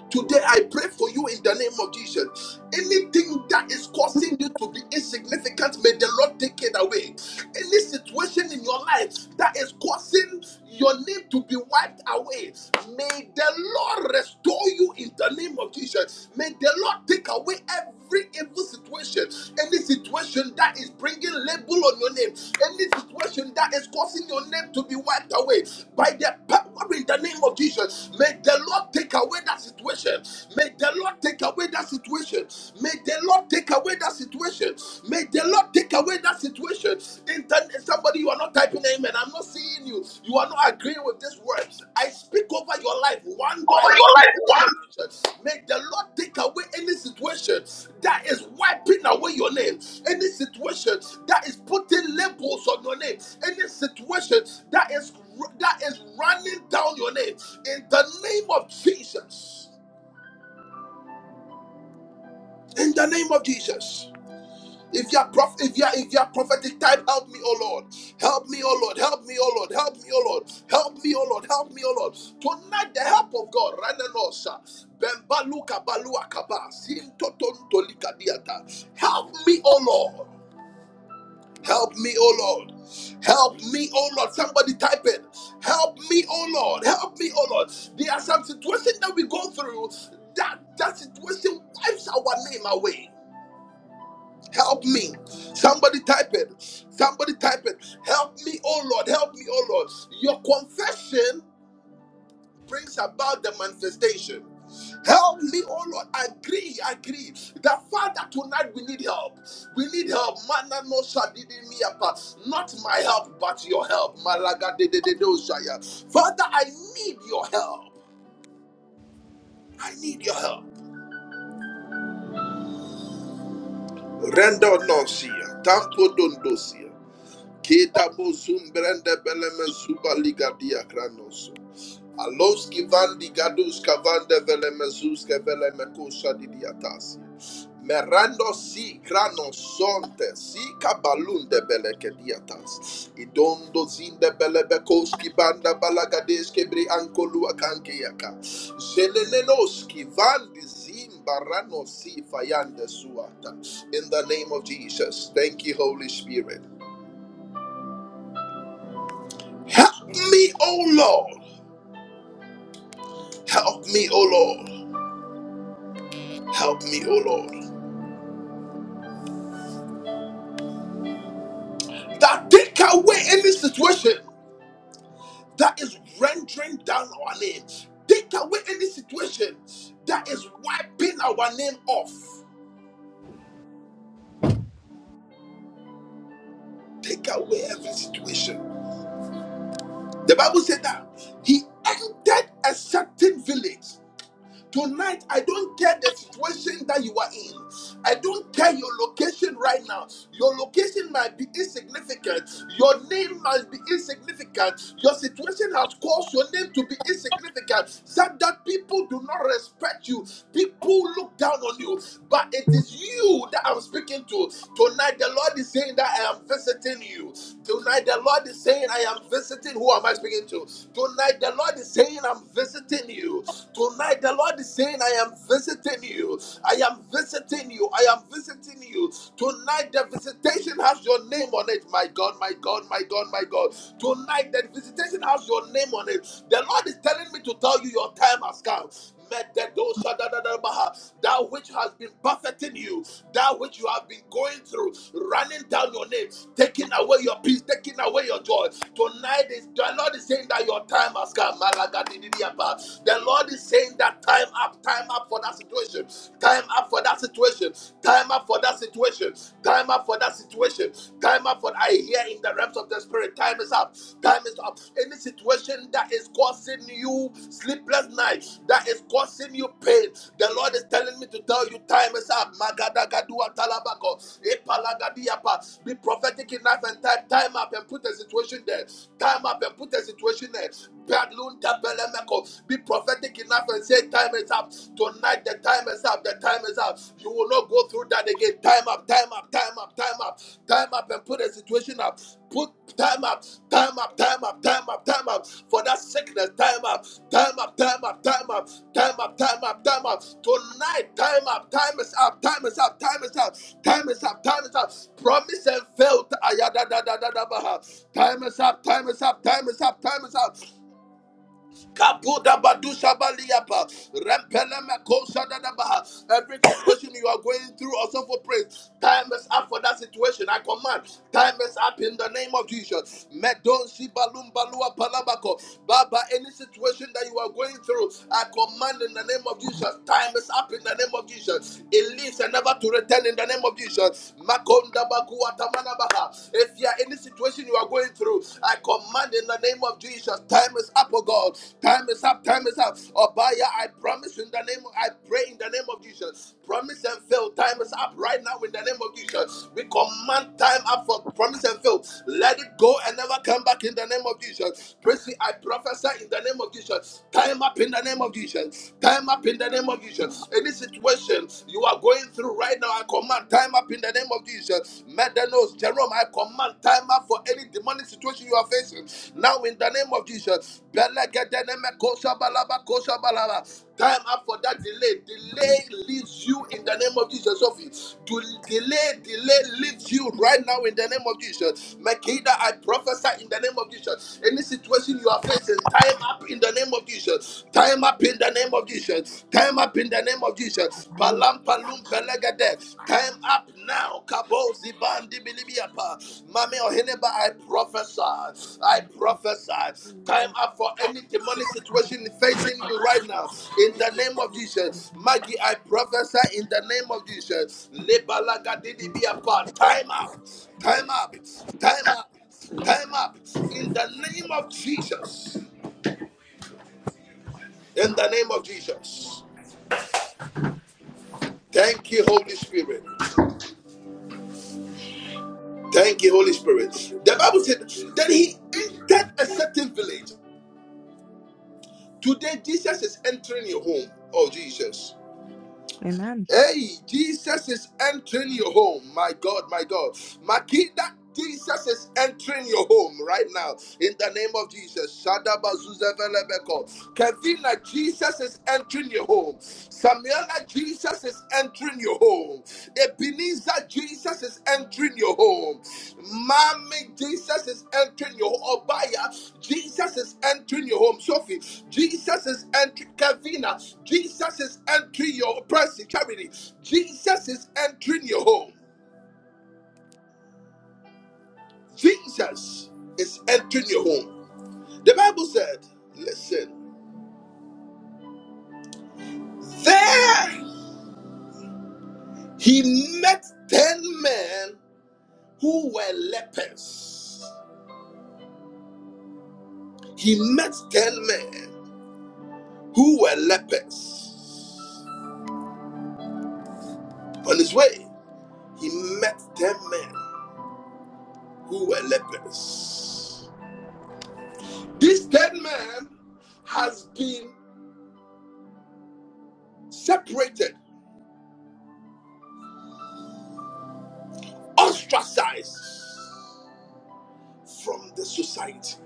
A: Today, I pray for you in the name of Jesus. Anything that is causing you to be insignificant, may the Lord take it away any situation in your life that is causing your name to be wiped away, may the Lord restore you in the name of Jesus. May the Lord take away every evil situation, any situation that is bringing label on your name, any situation that is causing your name to be wiped away by the power in the name of Jesus. May the Lord take away that situation. May the Lord take away that situation. May the Lord take take away that situation. May the Lord take away that situation. In turn, somebody, you are not typing amen. I'm not seeing you. You are not agreeing with this word. I speak over your life one by
H: Cover
A: one.
H: your
A: in
H: life
A: the Name of Jesus. May the Lord take away any situation that is wiping away your name, any situation that is putting labels on your name, any situation that is that is running down your name. In the name of Jesus. In the name of Jesus. If you're prof- if you're if you're prophetic type, help me, oh Lord. Help me, oh Lord. Help me, oh Lord. Help me, oh Lord. Help me, oh Lord. Help me, oh Lord. Tonight, the help of God. Rananosa. Bembaluka baluakaba. Sintotontolika diata. Help me, oh Lord. Help me, oh Lord. Help me, oh Lord. Somebody type it. Help me, oh Lord. Help me, oh Lord. There are some situations that we go through that that situation wipes our name away. Help me. Somebody type it. Somebody type it. Help me, oh Lord. Help me, oh Lord. Your confession brings about the manifestation. Help me, oh Lord. I agree, I agree. That Father, tonight we need help. We need help. Mana no shadidi miapa. Not my help, but your help. Malaga de de de do shaya. Father, I need your help. I need your help. Render no shia. Tampo don do shia. Keda bozum brende beleme liga dia kranos. Alos kivan ligadus kavan de veleme zus Merando si kranos sonte si kabalun de bele diatas. Idondo zin de bele balagades ke ankolu akanke Zelenenos ki van si fayande suata. In the name of Jesus, thank you, Holy Spirit. Help me, O Lord. Help me, O Lord. Help me, O Lord. That take away any situation that is rendering down our name. Take away any situation that is wiping our name off. Take away every situation. The Bible said that he entered a certain village Tonight, I don't care the situation that you are in. I don't care your location right now. Your location might be insignificant. Your name might be insignificant. Your situation has caused your name to be insignificant. Such that people do not respect you. People look down on you. But it is you that you that I'm speaking to. Tonight, the Lord is saying that I am visiting you. Tonight, the Lord is saying I am visiting. Who am I speaking to? Tonight, the Lord is saying I'm visiting you. Tonight, the Lord is saying I am visiting you. I am visiting you. I am visiting you. Tonight, the visitation has your name on it. My God, my God, my God, my God. Tonight, the visitation has your name on it. The Lord is telling me to tell you your time has come. That which has been buffeting you, that which you have been going through, running down your name, taking away your peace, taking away your joy. Tonight is the Lord is saying that your time has come. The Lord is saying that time up, time up for that situation. Time up for that situation. Time up for that situation. Time up for that situation. Time up for I hear in the realms of the spirit. Time is up. Time is up. Any situation that is causing you sleepless nights, that is causing you pain. The Lord is telling me to tell you time is up. Magadagadua talabako. Epalagadiapa. Be prophetic enough and type time up and put a situation there. Time up and put a situation there. Be prophetic enough enough and say, Time is up. Tonight, the time is up. The time is up. You will not go through that again. Time up, time up, time up, time up, time up, and put a situation up. Put time up, time up, time up, time up, time up for that sickness. Time up, time up, time up, time up, time up, time up, time up. Tonight, time up, time is up, time is up, time is up, time is up, time is up. Promise and fail. Ayadadadadadabaha. Time is up, time is up, time is up, time is up. Kabuda badusha baliyapa. Rempele mekosha dadabaha. Every situation you are going through, also for praise. Time is up for that situation. I command. Time is up in the name of Jesus. Medon shibalum balua palabako. Baba, any situation that you are going through, I command in the name of Jesus. Time is up in the name of Jesus. It leaves and never to return in the name of Jesus. Makonda bakuwa tamana baha. If you are in any situation you are are going through. I command in the name of Jesus. Time is up, oh God. Time is up. Time is up. Obaya, I promise in the name. Of, I pray in the name of Jesus. Promise and fail. Time is up right now in the name of Jesus. We command time up for promise and fail. Let it go and never come back in the name of Jesus. Prissy, I prophesy in the name of Jesus. Time up in the name of Jesus. Time up in the name of Jesus. Any situation you are going through right now, I command time up up in the name of Jesus. Medanos, Jerome, I command time up for any demonic situation you are facing. Now in the name of Jesus. Belegedeneme kosa balaba kosa balaba. Time up for that delay. Delay leaves you in the name of Jesus, Sophie. To delay, delay leaves you right now in the name of Jesus. Makeda, I prophesy in the name of Jesus. Any situation you are facing, time up in the name of Jesus. Time up in the name of Jesus. Time up in the name of Jesus. Palam Palampalum pelegade. Time up now. Kabo zibandi bilibiapa. Mami oheneba, I prophesy. I prophesy. Time up for any demonic situation facing you right now. In the name of Jesus. Maggie, I prophesy in the name of Jesus. Lebalaga didibiapa. Time up. Time up. Time up. Time up. In the name of Jesus. In the name of Jesus. Thank you, Holy Spirit. Thank you, Holy Spirit. The Bible said, then he entered a certain village. Today, Jesus is entering your home. Oh, Jesus.
E: Amen.
A: Hey, Jesus is entering your home. My God, my God. Makida, Jesus is entering your home right now. In the name of Jesus. Shadabazuzevelebeko. Kevina, Jesus is entering your home. Samuela, Jesus is entering your home. Ebenezer, Jesus is entering your home. Mommy, Jesus is entering your home. Obaya, Jesus is entering your home. Sophie, Jesus is entering. Kevina, Jesus is entering your person. Charity, Jesus is entering your home. Jesus is entering your home. The Bible said, listen, there. He met 10 men who were lepers. He met 10 men who were lepers. On his way, he met 10 men who were lepers. This 10 men has been separated, ostracized from the society.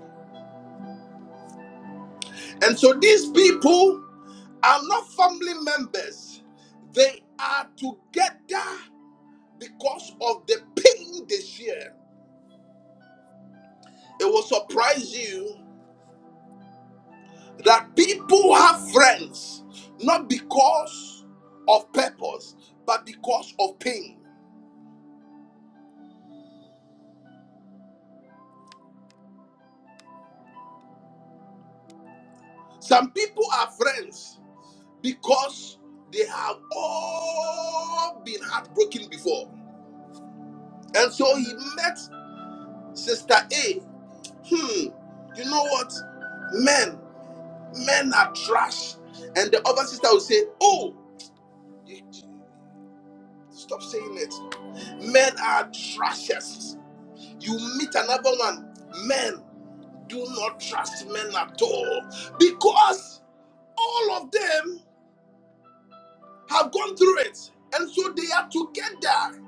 A: And so these people are not family members, they are together because of the pain they share. It will surprise you that people have friends not because of purpose, but because of pain. Some people are friends because they have all been heartbroken before. And so he met Sister A. Hmm, you know what? Men, men are trash. And the other sister will say, Oh, you, Stop saying it. Men are trashers. You meet another one. Men do not trust men at all because all of them have gone through it. And so they are together.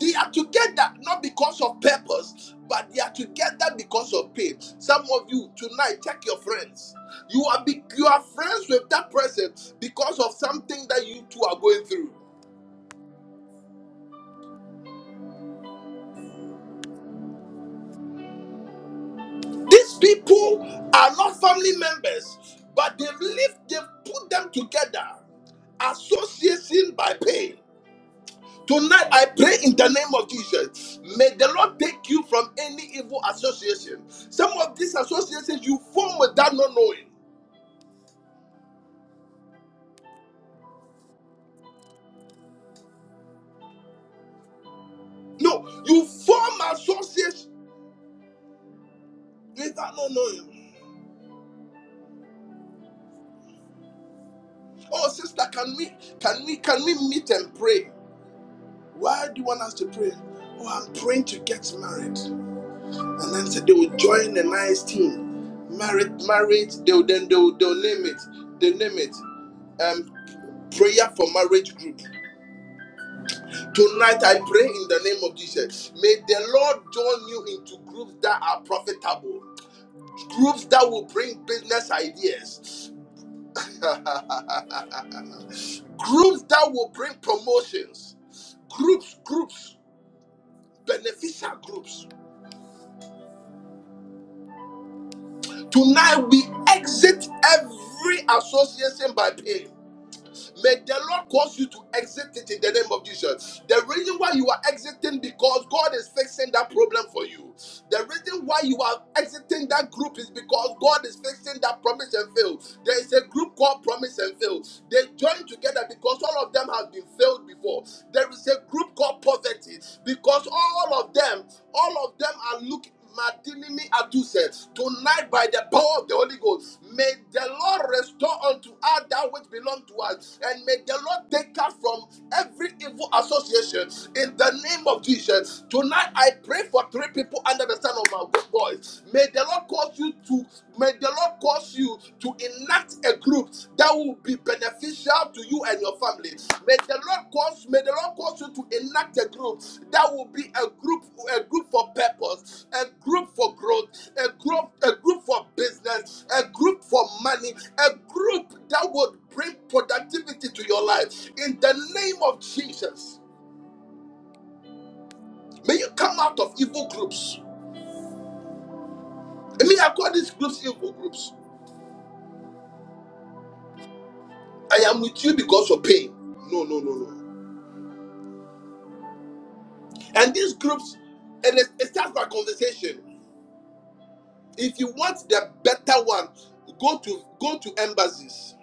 A: They are together not because of purpose, but they are together because of pain. Some of you tonight, check your friends. You are be, you are friends with that person because of something that you two are going through. These people are not family members, but they've lived, they've put them together, association by pain. Tonight, I pray in the name of Jesus. May the Lord take you from any evil association. Some of these associations you form without not knowing. No, you form associations without not knowing. Oh, sister, can we can we can we meet and pray? Why do you want us to pray? Oh, I'm praying to get married. And then said they will join a nice team. Marriage, marriage, they'll then they'll, they'll name it. They name it. Um prayer for marriage group. Tonight I pray in the name of Jesus. May the Lord join you into groups that are profitable, groups that will bring business ideas, groups that will bring promotions, groups, groups, beneficial groups. Tonight we exit every association by pain. May the Lord cause you to exit it in the name of Jesus. The reason why you are exiting because God is fixing that problem for you. The reason why you are exiting that group is because God is fixing that promise and fail. There is a group called promise and fail. They join together because all of them have been failed before. There is a group called poverty because all of them, all of them are looking. Madinimi Adusets. Tonight, by the power of the Holy Ghost, may the Lord restore unto us that which belongs to us, and may the Lord take us from every evil association in the name of Jesus. Tonight, I pray for three people under the sound of my voice. May the Lord cause you to, may the Lord cause you to enact a group that will be beneficial to you and your family. May the Lord cause, may the Lord cause you to enact a group that will be a group, a group for purpose, a group for growth, a group, a group for business, a group for money, a group that would bring productivity to your life. In the name of Jesus, may you come out of evil groups. I mean, I call these groups evil groups. I am with you because of pain. No, no, no, no. And these groups, and it, it starts by conversation. If you want the better one, go to go to embassies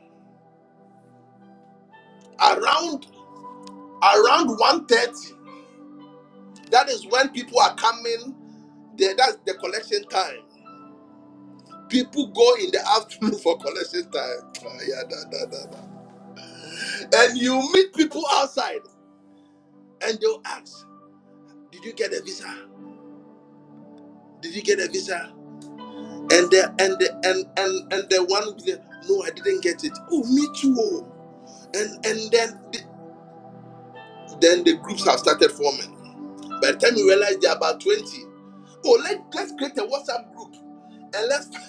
A: around around one thirty. That is when people are coming. There, that's the collection time. People go in the afternoon for collection time. Ah, yeah, da, da, da, da. And you meet people outside, and they'll ask, "Did you get a visa? Did you get a visa?" And the and the and and and the one, with the, "No, I didn't get it." Oh, me too. oh." and and then Then the groups have started forming. By the time you realize there are about 20, oh, let, let's create a WhatsApp group and let's.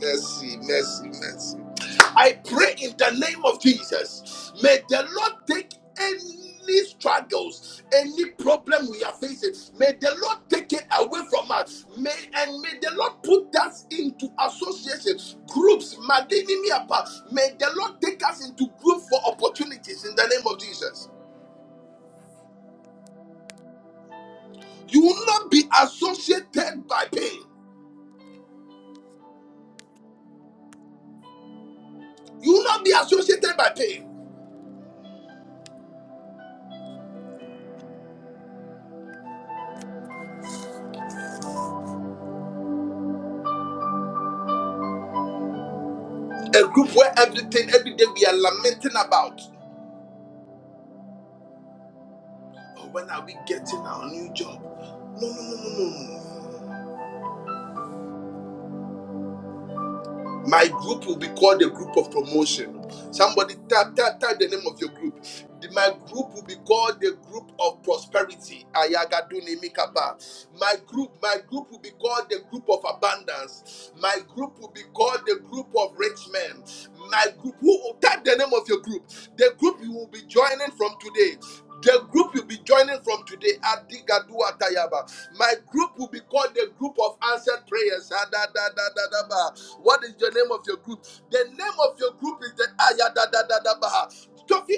A: Mercy, mercy, mercy. I pray in the name of Jesus. May the Lord take any struggles, any problem we are facing. May the Lord take it away from us. May and may the Lord put us into associations, groups, Madinimi Apa. May the Lord take us into groups for opportunities in the name of Jesus. You will not be associated by pain. You will not be associated by pain. A group where everything, every day we are lamenting about. Oh, when are we getting our new job? No, no, no, no, no. no, no, no, no, no. My group will be called the group of promotion. Somebody type, type, type the name of your group. The- My group will be called the group of prosperity. Ayagadune Mikaba. My group, my group will be called the group of abundance. My group will be called the group of rich men. My group, who type the name of your group? The group you will be joining from today. The group you'll be joining from today, Adigadua Tayaba. My group will be called the group of answered prayers. Ah, What is the name of your group? The name of your group is the Aya da,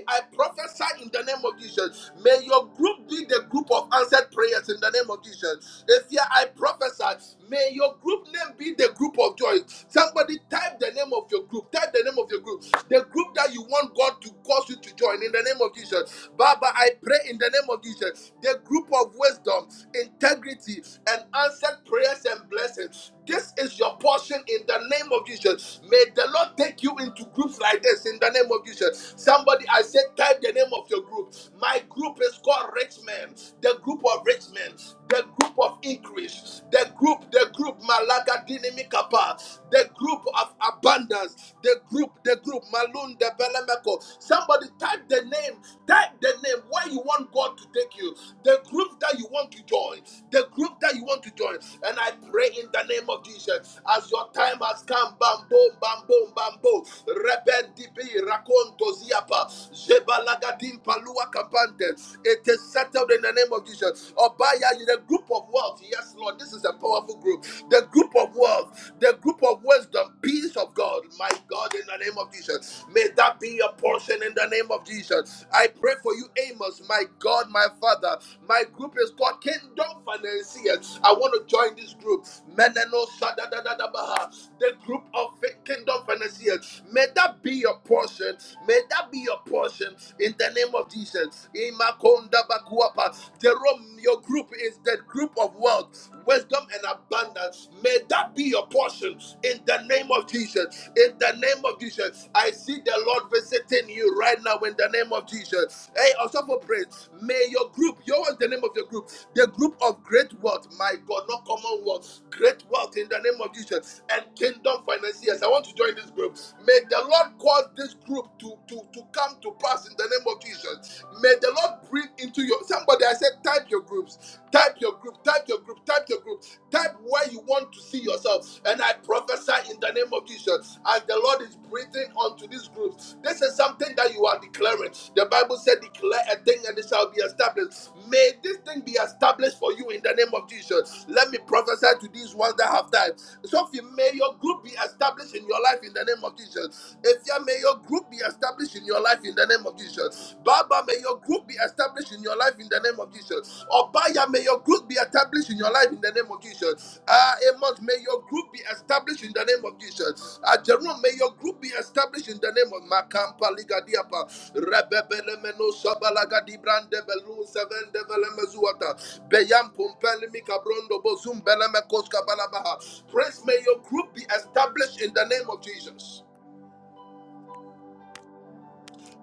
A: I prophesy in the name of Jesus. May your group be the group of answered prayers in the name of Jesus. If I prophesy, May your group name be the group of joy. Somebody type the name of your group. Type the name of your group. The group that you want God to cause you to join in the name of Jesus. Baba, I pray in the name of Jesus. The group of wisdom, integrity, and answered prayers and blessings. This is your portion in the name of Jesus. May the Lord take you into groups like this in the name of Jesus. Somebody, I said, type the name of your group. My group is called Rich Men, the group of rich men the group of increase, the group, the group Malaga Dinamikapa, the group of abundance, the group, the group Malun de Belemeko. Somebody type the name, type the name where you want God to take you, the group that you want to join, the group that you want to join. And I pray in the name of Jesus, as your time has come, bam boom, bam boom, bam boom, rebendi be Rakonto Ziapa Zebalagadim Palua Kapante. It is settled in the name of Jesus. Obaya, you the group of wealth. Yes, Lord, this is a powerful group. The group of wealth, the group of wisdom, peace of God. My God, in the name of Jesus. May that be your portion in the name of Jesus. I pray for you, Amos, my God, my Father. My group is called Kingdom Financiers here. I want to join this group. Meneno Sadadadadabaha, The group of kingdom financiers. May that be your portion. May that be your portion in the name of Jesus. Imakonda Bakuapa. Jerome, your group is the group of wealth, wisdom, and abundance. May that be your portion in the name of Jesus. In the name of Jesus, I see the Lord visit visiting you right now in the name of Jesus. Hey, also for praise, may your group, yours the name of your group, the group of great wealth, my God, not common wealth, great wealth in the name of Jesus, and kingdom financiers. I want to join this group. May the Lord cause this group to, to, to come to pass in the name of Jesus. May the Lord breathe into your somebody. I said, type your groups, type your group, type your group, type your group. Type where you want to see yourself. And I prophesy in the name of Jesus. As the Lord is breathing onto this group, this is something that you are declaring. The Bible said, Declare a thing and it shall be established. May this thing be established for you in the name of Jesus. Let me prophesy to these ones that have time. So, may your group be established in your life in the in the name of Jesus. Efia, may your group be established in your life in the name of Jesus. Baba, may your group be established in your life in the name of Jesus. Obaya, may your group be established in your life in the name of Jesus. Ah, Amos, may your group be established in the name of Jesus. Ah, Jerome, may May your group be established in the name of Makampa Ligadiapa, Rebebelemeno Sabalagadi Brandebelu, Seven Develemezuata, Beyam Pumpelimi Cabrondo Bozum Belemekos Balabaha. Praise, may your group be established in the name of Jesus.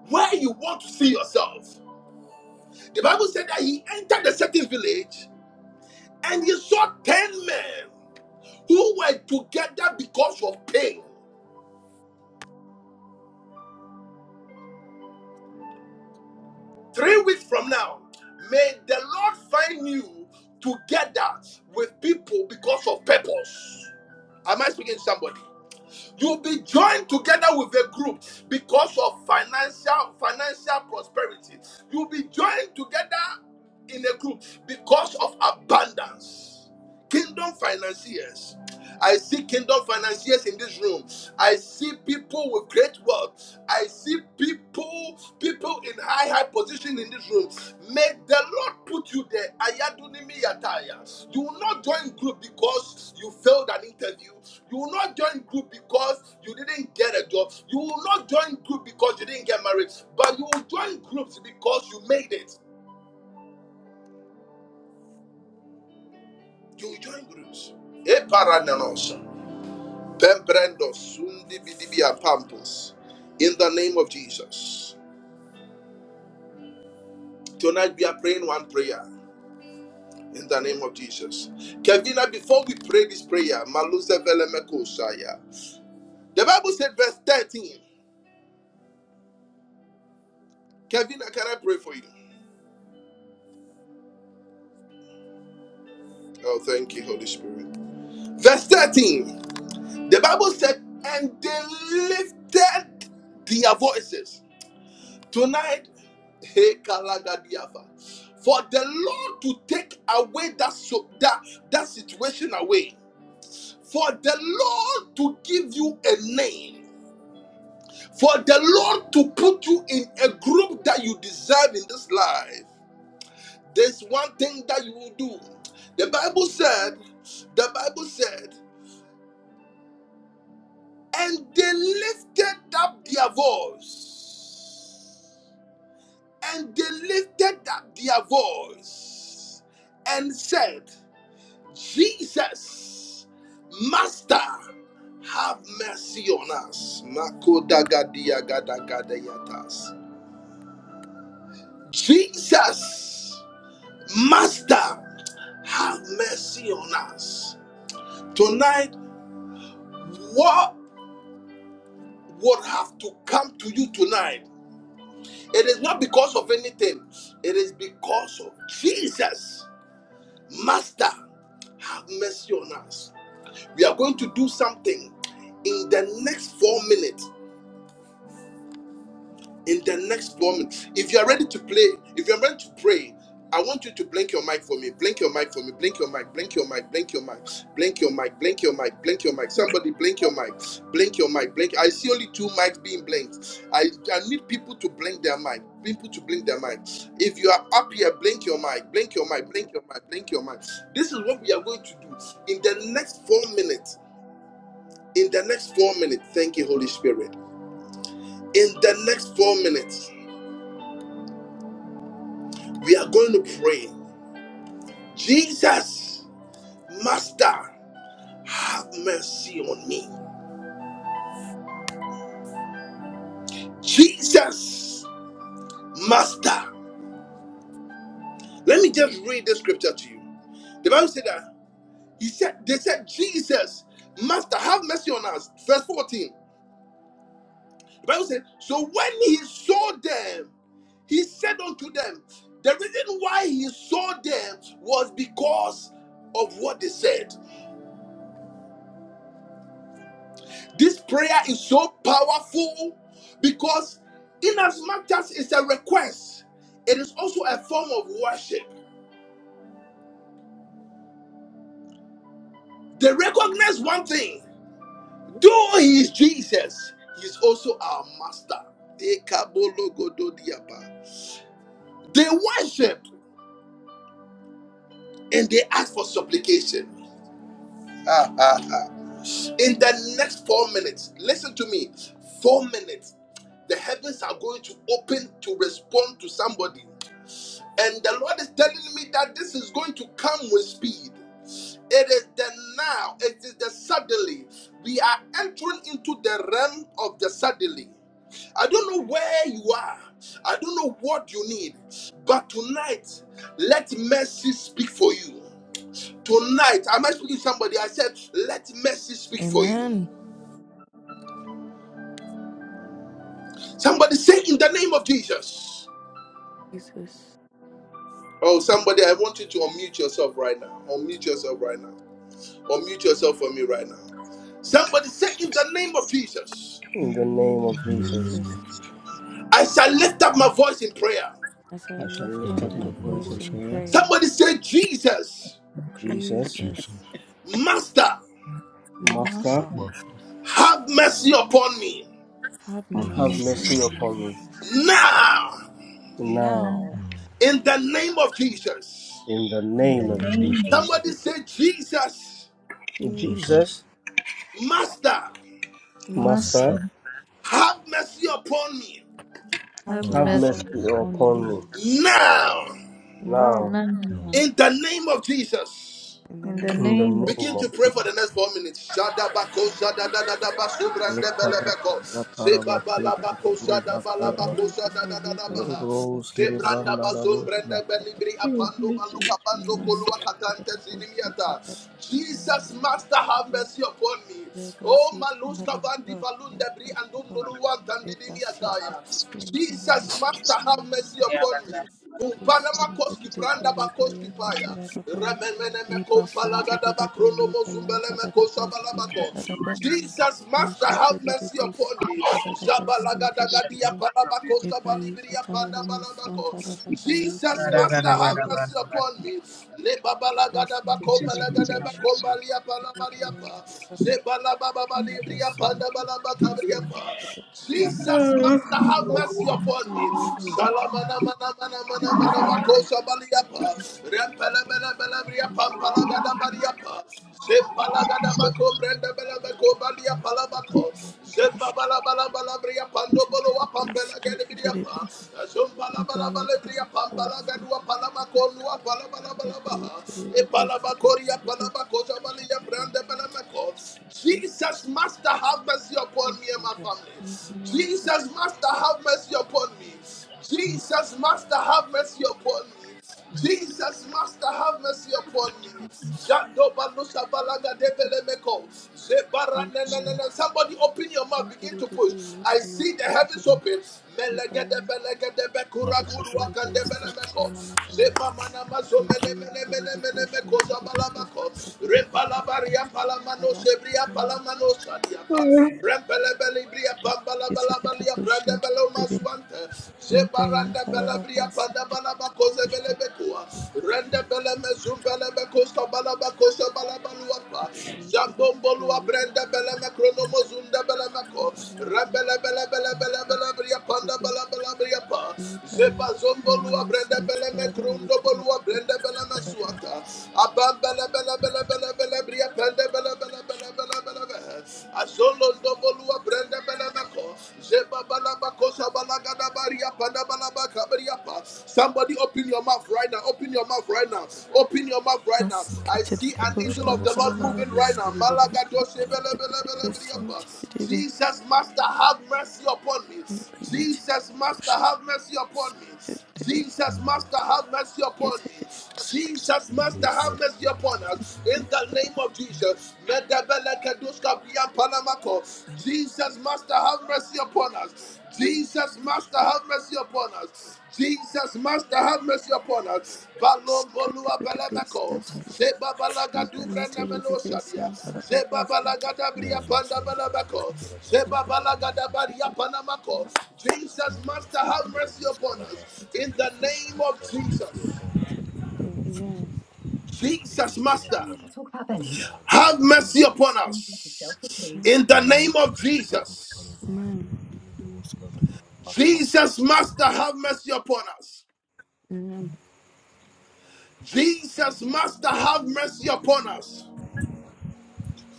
A: Where you want to see yourself. The Bible said that he entered the second village and he saw ten men who were together because of pain. Three weeks from now, may the Lord find you together with people because of purpose. Am I speaking to somebody? You'll be joined together with a group because of financial financial prosperity. You'll be joined together in a group because of abundance. Kingdom financiers I see kingdom financiers in this room. I see people with great wealth. I see people, people in high, high position in this room. May the Lord put you there. Ayadunimi yataya. You will not join group because you failed an interview. You will not join group because you didn't get a job. You will not join group because you didn't get married. But you will join groups because you made it. You will join groups. Eparananos. Pembrendo sundi bidibia pampos. In the name of Jesus. Tonight we are praying one prayer. In the name of Jesus. Kevina, before we pray this prayer, Maluse Velemeko Shaya. The Bible said, verse 13. Kevina, can I pray for you? Oh, thank you, Holy Spirit. Verse 13. The Bible said, and they lifted their voices Tonight, hey, Kalagadiava, for the Lord to take away that, so, that, that situation away, for the Lord to give you a name, for the Lord to put you in a group that you deserve in this life, there's one thing that you will do. The Bible said, the Bible said, and they lifted up their voice And they lifted up their voice and said, Jesus, Master, have mercy on us. Makodagadiagadagadayatas. Jesus, Master, have mercy on us. Tonight, what would have to come to you tonight? It is not because of anything, it is because of Jesus. Master, have mercy on us. We are going to do something in the next four minutes in the next four minutes. If you are ready to play, if you are ready to pray, I want you to blink your mic for me. Blink your mic for me. Blink your mic. Blink your mic. Blink your mic. Blink your mic. Blink your mic. Blink your mic. Somebody blink your mic. Blink your mic. Blink. I see only two mics being blinked. I, I need people to blink their mic. People to blink their mic. If you are up here, blink your mic. Blink your mic. Blink your mic. Blink your mic. This is what we are going to do in the next four minutes. In the next four minutes. Thank you, Holy Spirit. In the next four minutes We are going to pray. Jesus, Master, have mercy on me. Jesus, Master. Let me just read the scripture to you. The Bible said that he said they said, Jesus, Master, have mercy on us. Verse 14. The Bible said, So when he saw them, he said unto them, The reason why he saw them was because of what they said. This prayer is so powerful because, in as much as it's a request, it is also a form of worship. They recognize one thing though He is Jesus, He is also our Master. Ekabologododiaba. They worship and they ask for supplication. Ah, ah, ah. In the next four minutes, listen to me. Four minutes, the heavens are going to open to respond to somebody. And the Lord is telling me that this is going to come with speed. It is the now, it is the suddenly. We are entering into the realm of the suddenly. I don't know where you are. I don't know what you need. But tonight, let mercy speak for you. Tonight, am I speaking to somebody? I said, let mercy speak for you.
E: Amen.
A: Somebody say, in the name of Jesus.
E: Jesus.
A: Oh, somebody, I want you to unmute yourself right now. Unmute yourself right now. Unmute yourself for me right now. Somebody say, In the name of Jesus,
E: In
I: In the
E: the
I: name
E: name
I: of
E: of
J: In the
I: Jesus,
J: name
E: Jesus.
J: of
A: I shall lift up my voice in prayer.
E: as I
I: I shall
J: I
E: lift
I: lift
E: up
I: up
J: lift
I: my
J: up
E: my
J: my
I: voice
E: voice
I: in
J: voice
E: in
J: and
I: prayer.
J: pray.
E: prayer.
A: Somebody say, Jesus,
I: Jesus,
J: Jesus,
E: Jesus,
A: Master,
I: Master,
J: help
E: Master,
K: Master,
J: my son.
A: have mercy upon me
E: have
K: have
J: Have
I: have
J: mercy
E: mercy
K: mercy
I: mercy
K: on
J: upon
E: upon
J: me.
I: upon
K: me
E: me.
I: me.
A: now
K: now
I: Now,
E: Now,
J: Now,
A: in the name of Jesus.
I: in the
E: in
K: in
E: the
I: name
K: the
J: in the
I: of
E: name
J: name
E: of
J: of
K: name of
I: Jesus.
E: Jesus,
J: Jesus,
A: Somebody
K: Jesus.
A: say, Jesus,
J: Jesus,
E: Jesus,
I: Jesus,
A: Master,
J: my
E: Master,
I: Master,
K: Master,
J: son,
A: have mercy upon me
E: have
K: have
J: have
I: have
E: mercy
J: mercy
K: mercy
J: upon
I: mercy
J: me.
E: upon
K: on
I: upon
E: me.
K: me
I: me.
A: now
E: Now,
I: Now,
K: now
J: Now,
A: in the name of Jesus.
E: in the
K: in the
E: name
I: in
E: of
I: the
K: name of
E: Jesus,
I: name
A: Begin
I: of
A: to
K: Jesus.
A: pray for
I: Jesus.
A: the next four minutes. Shadabako, shadadadadaba,
I: Yes,
A: subrandebelebeko, sebabalabako,
E: mercy to
A: shadabalabako,
E: the people, Lipa
A: shadadadadabaha,
E: Yantara, mercy
A: sebrandaba,
E: to the
A: zumbrandebelibri,
K: Oh,
E: people,
A: apando,
K: mercy
A: maluka,
K: upon
A: bando,
K: me.
E: mercy
A: kolua,
E: to the people, mercy to the
A: katante,
E: people,
A: zinimiata.
K: Have
A: Jesus,
K: mercy
A: Master,
K: upon
A: have
K: me.
A: mercy upon me. Oh,
E: mercy to the
A: Maluska Vandi
E: people, mercy
A: Valundebri
E: to the
A: and
E: people,
A: Dunduruan
E: Ebasisi
A: Tandiniataya.
L: This
K: Have mercy upon me.
L: name
A: Jesus,
L: of
A: Master,
L: Jesus.
A: have mercy
L: Yeah,
A: upon
L: that
A: me.
L: that. that- this is-
A: Kumpalamakoski
L: this is not-
A: branda
E: Boli Baya
A: bakoski paya.
E: Kataraba
A: Remenemene
E: Eba Sonte
A: kumpalagada
E: de
A: bakrono
E: Beli Bayan
A: mozumbele mekosa
E: Tadadaba
L: yeah,
A: balabako.
L: you are
E: Katadaba
L: correct.
A: Jesus, Master,
L: Uh,
E: Mashite
A: have
E: de
A: mercy
E: Busi
A: upon me.
E: Katadaba Sinte
L: shit,
A: Zabalagadagadia
L: not that copy.
A: palabakoska
E: Ebai
A: balibiria panda
E: Katanadama Son
A: balabako.
E: Tadadaba
A: Jesus,
E: Bayan
L: Bada,
A: Master,
L: bada,
A: have
L: bada,
E: Tedebe
A: mercy
L: bada, bada,
A: upon me.
L: bada. This
A: Lebabalagadabakom
E: Masikete
L: is
E: de
L: what it's about,
E: Vision
A: balagadabakom
L: so.
E: Bayan
A: palabariapa.
E: Tadaba
A: Zebalababalibiria
E: Imperson
A: panda
E: Basic
A: balabakabriapa. Jesus, Master, have mercy upon me. Kondi,
E: Bustu
A: Salamana Mana Mana Mana Mana
E: Let Mashite
A: Makosa Baliapa, Rempele Bele Bele Bria Pampala Gada Bariapa, Zembala Gada Bako Brenda Bele Beko Balia
K: Oh,
A: Palabako,
K: mercy upon
A: Zemba Bala Bala
K: me.
A: Bala Bria
K: Amen. Amen. Amen.
A: Pando Bolo
E: de Basi
A: Pampela Gada
E: Tedebe
A: Briapa, Zumbala Bala Bala Bria
E: Bayatele
A: Pampala
E: Basi
A: Gadua Palamako Nua Palabala Balabaha,
E: Bayatele Basi
A: Epalabakoria Palabakosa Balia Branda Bele Meko. Jesus, Master, have mercy upon me and my family. Jesus, Master, have mercy upon me. Jesus, Master, have mercy upon me. Jesus, Master, have mercy upon me. Jadoba no shabalaga devele meko. Zebara na na na
E: Bayatele
A: na. Somebody open your mouth, begin to push. I see the heavens open. Melege de belege de bekura
J: Madama
A: guru
J: Santa
A: wakande bele meko.
J: Ramascaba,
A: Zeba mana mazo mene mene mene mene meko zabala meko. Rimba la bari ampala mano sebri ampala mano shadi apa. Rembelebelibria bambalabalabalia brandebeloma swante. Zebaranda belebria pandabalaba kozebelebekua. Rendebeleme zumbelebe kostabalaba kostabalabaliwapa. Zambomboluwa brendebeleme kronomo zundebelebeko. Rembelebelebelebelebelebria pandabalabalabalia pa.
E: We buy
A: Zebazomboluwa
E: Panama Santa
A: brendebeleme
E: Baraba with the
A: krondoboluwa brendebeleme
E: Baraba.
A: swanta. bele. Somebody open your mouth right now. Open your mouth right now. Open your mouth right now. I
J: Madama
E: Asicated
A: see
E: the
A: an
J: Santa
E: bush
A: angel of
E: and
A: the Lord
E: Tananama.
A: moving
J: Ramascaba, Leon
A: right now.
J: de Demo Santa
E: Ecated
J: Rava,
E: the
J: Madama
E: bush
J: Santa.
E: into the devil.
A: Jesus, Master, have mercy upon me.
E: Bringing to
A: Jesus,
E: the
A: Master,
E: bush.
A: have mercy upon me.
E: Asicated the devil.
A: Jesus, Master, have mercy
E: Yet
A: upon
E: the
A: me.
E: devil.
A: Jesus, Master,
J: Jesus, my
A: have
E: This.
A: mercy
J: son,
A: upon us. In the name of Jesus. Medebelekeduska biyampalamako. Jesus, Master, have mercy upon us. Jesus, Master, have mercy upon us. Jesus, Master, have mercy upon us. Balom bolua
E: Asicated the base
A: belemeko.
E: and Tananama.
A: Zeba
E: We
A: balaga
E: buy
A: dubra nemeno
E: the base
A: shadia.
E: and Tananama.
A: Zeba balaga dabria
J: Madama
A: panda
J: Santa
A: belemeko.
J: Ramascaba,
A: Zeba balaga
J: Leon
A: dabaria panamako. Jesus, Master, have mercy
J: Marasantaramas
A: upon
J: Hmm.
A: us. In the name of
J: Mastabis upon
A: Jesus.
E: Amen.
A: Jesus, Master, have mercy upon us. In the name of Jesus.
E: Amen.
A: Jesus, Master, have mercy upon us.
E: Amen.
A: Jesus, Master, have mercy upon us.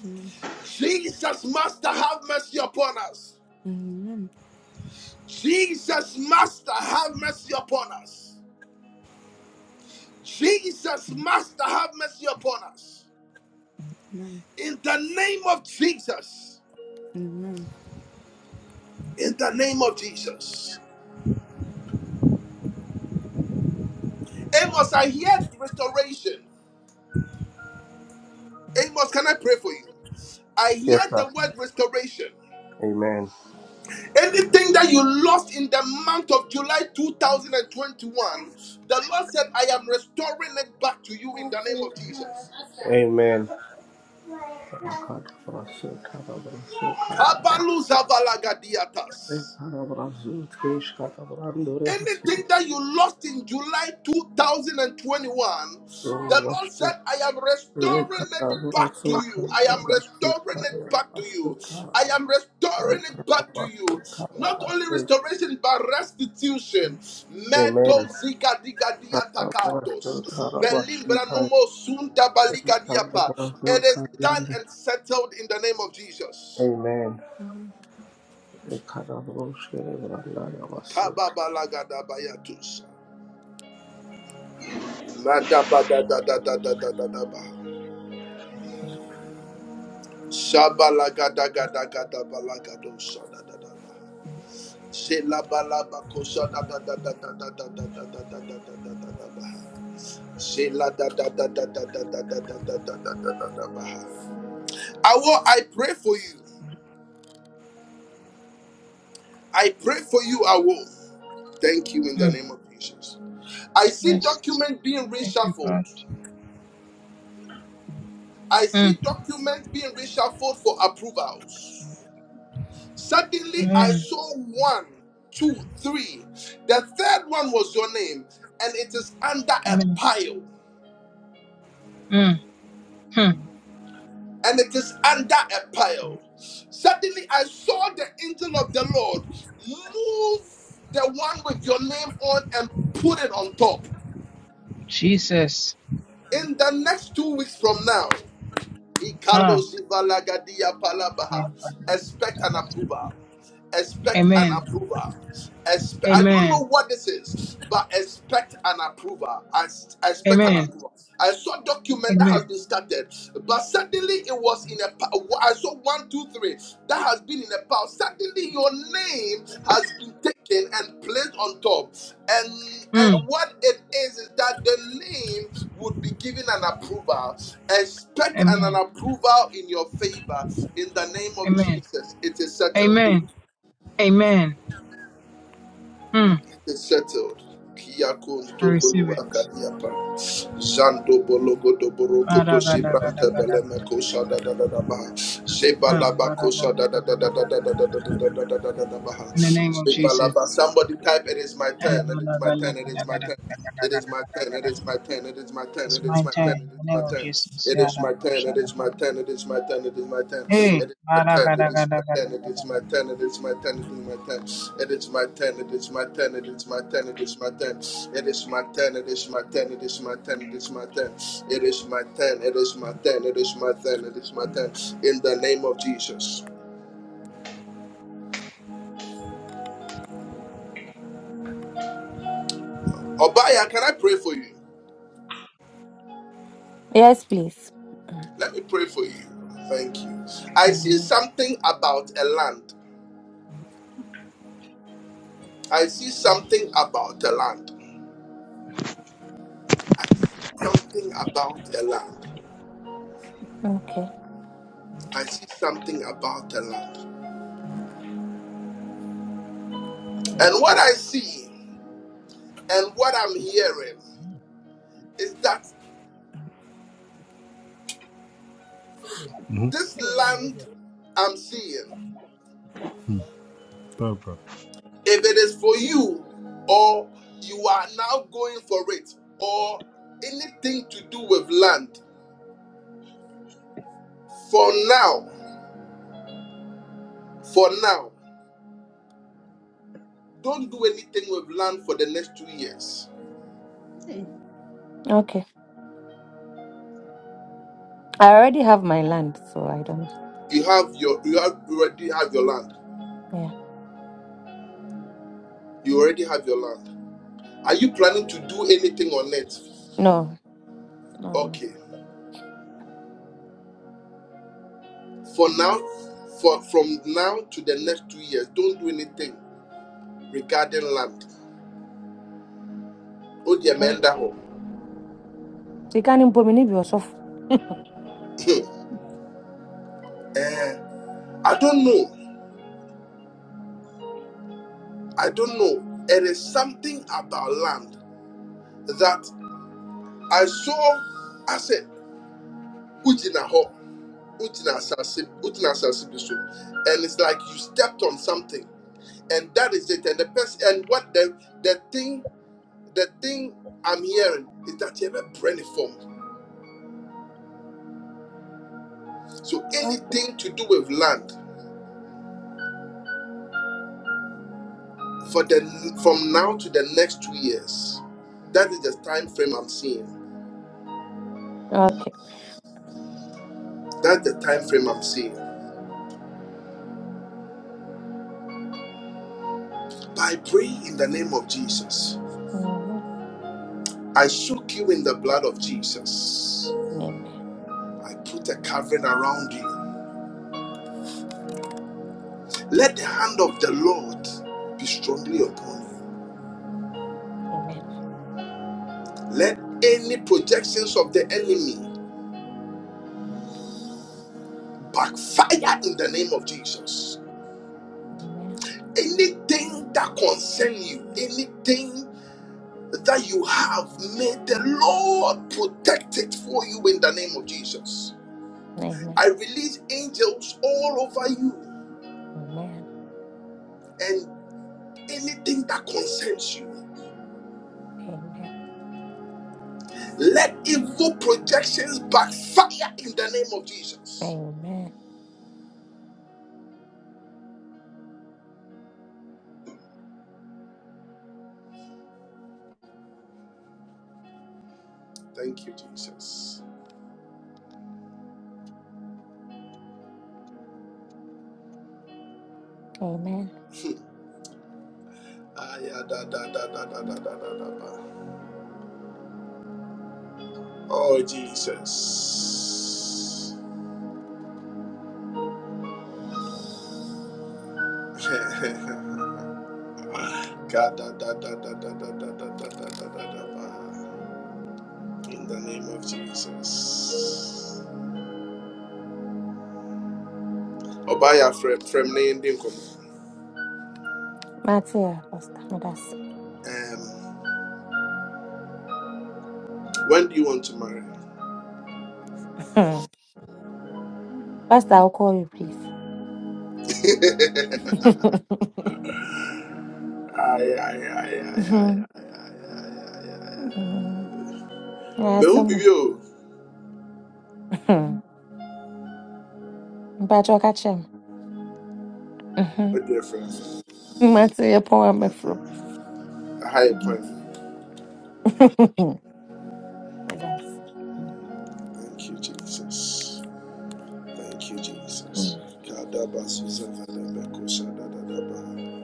E: Amen.
A: Jesus, Master, have mercy upon us.
E: Amen.
A: Jesus, Master, have mercy upon us. Jesus, Master, have mercy upon us.
E: Amen.
A: In the name of Jesus.
E: Amen.
A: In the name of Jesus. Amos, I hear restoration. Amos, can I pray for you? I hear
I: sir.
A: the word restoration.
I: Amen.
A: Anything that you lost in the month of July 2021, the Lord said, I am restoring it back to you in the name of Jesus.
I: Amen.
A: Kabalu zavalagadiatas.
I: Rekarabrazu teshkarabrandore
A: Anything
I: hasikoro
A: that you lost in July 2021, the Lord
I: vashti
A: said, I am restoring it back
I: rekarabratsu
A: to you. I am
I: karabratsu
A: restoring it back to
I: karabratsu
A: you. I
I: karaba
A: am restoring it back to you.
I: rekarabratsu
A: Not only
I: karabratsu
A: restoration, but restitution.
I: Amen.
A: Medo zika diga dia
I: Karabratsu
A: takados. Berlin
I: karabratsu
A: branomo sunta balika diapa.
I: karabratsu
A: It is done
I: karabratsu
A: and settled in the name of Jesus.
I: Amen.
E: Amen.
I: Rekarabratsu karabratsu
A: Kababalagadaba yatus. Nadabadadadadadadadaba. Awo, I pray for you. I pray for you, Awo. Thank you in the
L: Mm,
A: name of Jesus. I see
L: Yes.
A: documents being
L: Thank you, God.
A: reshuffled. I see
L: Mm,
A: documents being reshuffled for approvals. Suddenly I
L: Amen.
A: saw one, two, three. The third one was your name, and it is under a
L: Amen.
A: pile.
L: Mm, hmm,
A: And it is under a pile. Suddenly I saw the angel of the Lord move the one with your name on and put it on top.
L: Jesus.
A: In the next two weeks from now,
L: Ah,
A: Ikalo Zivalagadia
L: yeah,
A: Palabaha,
L: bada,
A: expect
L: bada,
A: an
L: bada.
A: approval. expect an
L: Amen.
A: approval. Expe- I don't know
L: Amen.
A: what this is, but expect an approval. I, s- I expect an
L: Amen.
A: approval. I saw document that
L: Amen.
A: has been started, but suddenly it was in a. pa- I saw one, two, three that has been in a pile. Suddenly your name has been taken and placed on top, and
L: Mm,
A: and what it is is that the name would be given an approval. Expect an, an
L: Amen.
A: approval in your favor in the name of
L: Amen.
A: Jesus. It is settled.
L: Amen. Amen. Mm.
A: is settled. Kiyakun
L: I receive
A: tokolu
L: it.
A: akadiapa. Zando bologo doboro koto sibranta beleme kosa da da da da Seba laba kosa da da da da da da da da da da da da da da
L: In the name of
A: Seba laba.
L: Jesus.
A: Somebody type, it is my
L: It's
A: turn. It is my turn. It is my turn. It is my turn, it is my turn, it is my turn, it is
L: my
A: my
L: turn.
A: turn,
L: In
A: it is
L: the name
A: my
L: of
A: turn.
L: Jesus.
A: It is my turn, it is my turn, it is my turn, it is my turn.
L: Hey.
A: It is my turn, it is my turn, it is my turn, it is my turn, it is my turn. It is my turn, it is my turn, it is my turn, it is my turn. It is my turn, it is my turn, it is my turn, it is my turn. It is my turn, it is my turn, it is my turn, it is my turn. In the name of Jesus. Obaya, can I pray for you?
M: Yes, please.
A: Let me pray for you. Thank you. I see
M: Mhm.
A: something about a land. I see something about the land. I see something about the land.
M: Okay.
A: I see something about the land. And what I see and what I'm hearing is that this land I'm seeing, if it is for you or you are now going for it or anything to do with land, for now, for now, don't do anything with land for the next two years.
M: Okay. I already have my land, so I don't.
A: You have your you have you already have your land.
M: Yeah.
A: You already have your land. Are you planning to do anything on it?
M: No. No. No.
A: Okay. For now, for from now to the next two years, don't do anything regarding land. Oh dear,
M: Yeah.
A: man, that
M: So you can't impose me yourself.
A: Eh, I don't know. I don't know. It is something about land that I saw. I said, Ujina ho, Ujina asase- Ujina asase bi so." and it's like you stepped on something, and that is it. And the person, and what the the thing The thing I'm hearing is that you have a not form. So
M: Okay.
A: anything to do with land for the from now to the next two years, that is the time frame I'm seeing.
M: Okay.
A: That's the time frame I'm seeing. But I pray in the name of Jesus.
M: Amen.
A: I soak you in the blood of Jesus.
M: Amen.
A: I put a covering around you. Let the hand of the Lord be strongly upon you.
M: Amen.
A: Let any projections of the enemy backfire in the name of Jesus.
M: Amen.
A: anything that concerns you, anything that you have, may the Lord protect it for you in the name of Jesus.
M: Amen.
A: I release angels all over you
M: Amen.
A: and anything that concerns you.
M: Amen.
A: Let evil projections backfire in the name of Jesus.
M: Amen.
A: Thank you, Jesus.
M: Amen.
A: Aya Oh, Jesus. In the name of Jesus. Obaya from from
M: Matthew, Pastor, no, that's
A: Um, when do you want to marry?
M: Hmm. Pastor. I'll call you, please.
A: Aye, aye, aye, aye, aye,
M: Mhm.
A: aye, aye, aye, aye, aye.
M: Mhm. Yeah,
A: Me who be
M: someone.
A: you?
M: But you catch him.
A: A dear friend.
M: Matthew, you power me from.
A: A higher point.
M: It does. Mhm.
A: Thank you, Jesus. Thank you, Jesus. Kadaba Susan Vadabeko Shadadaba.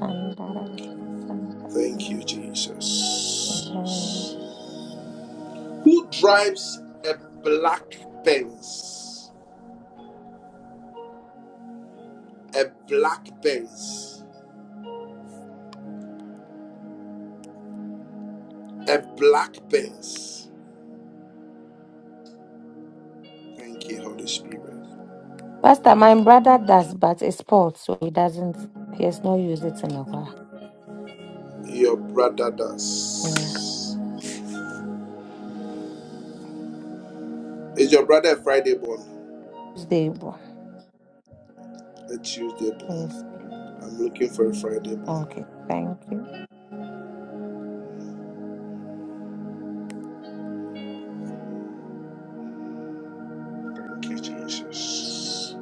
M: Amen.
A: Thank you, Jesus. Who drives a black Benz? A black Benz. A black Benz. Thank you, Holy Spirit.
M: Pastor, my brother does, but it's sport, so he doesn't, he has not used it in a while.
A: Your brother does.
M: No.
A: Is your brother a Friday born?
M: He's
A: A Tuesday born?
M: Yes, please.
A: I'm looking for a Friday born.
M: Okay, thank you.
A: Thank you, Jesus.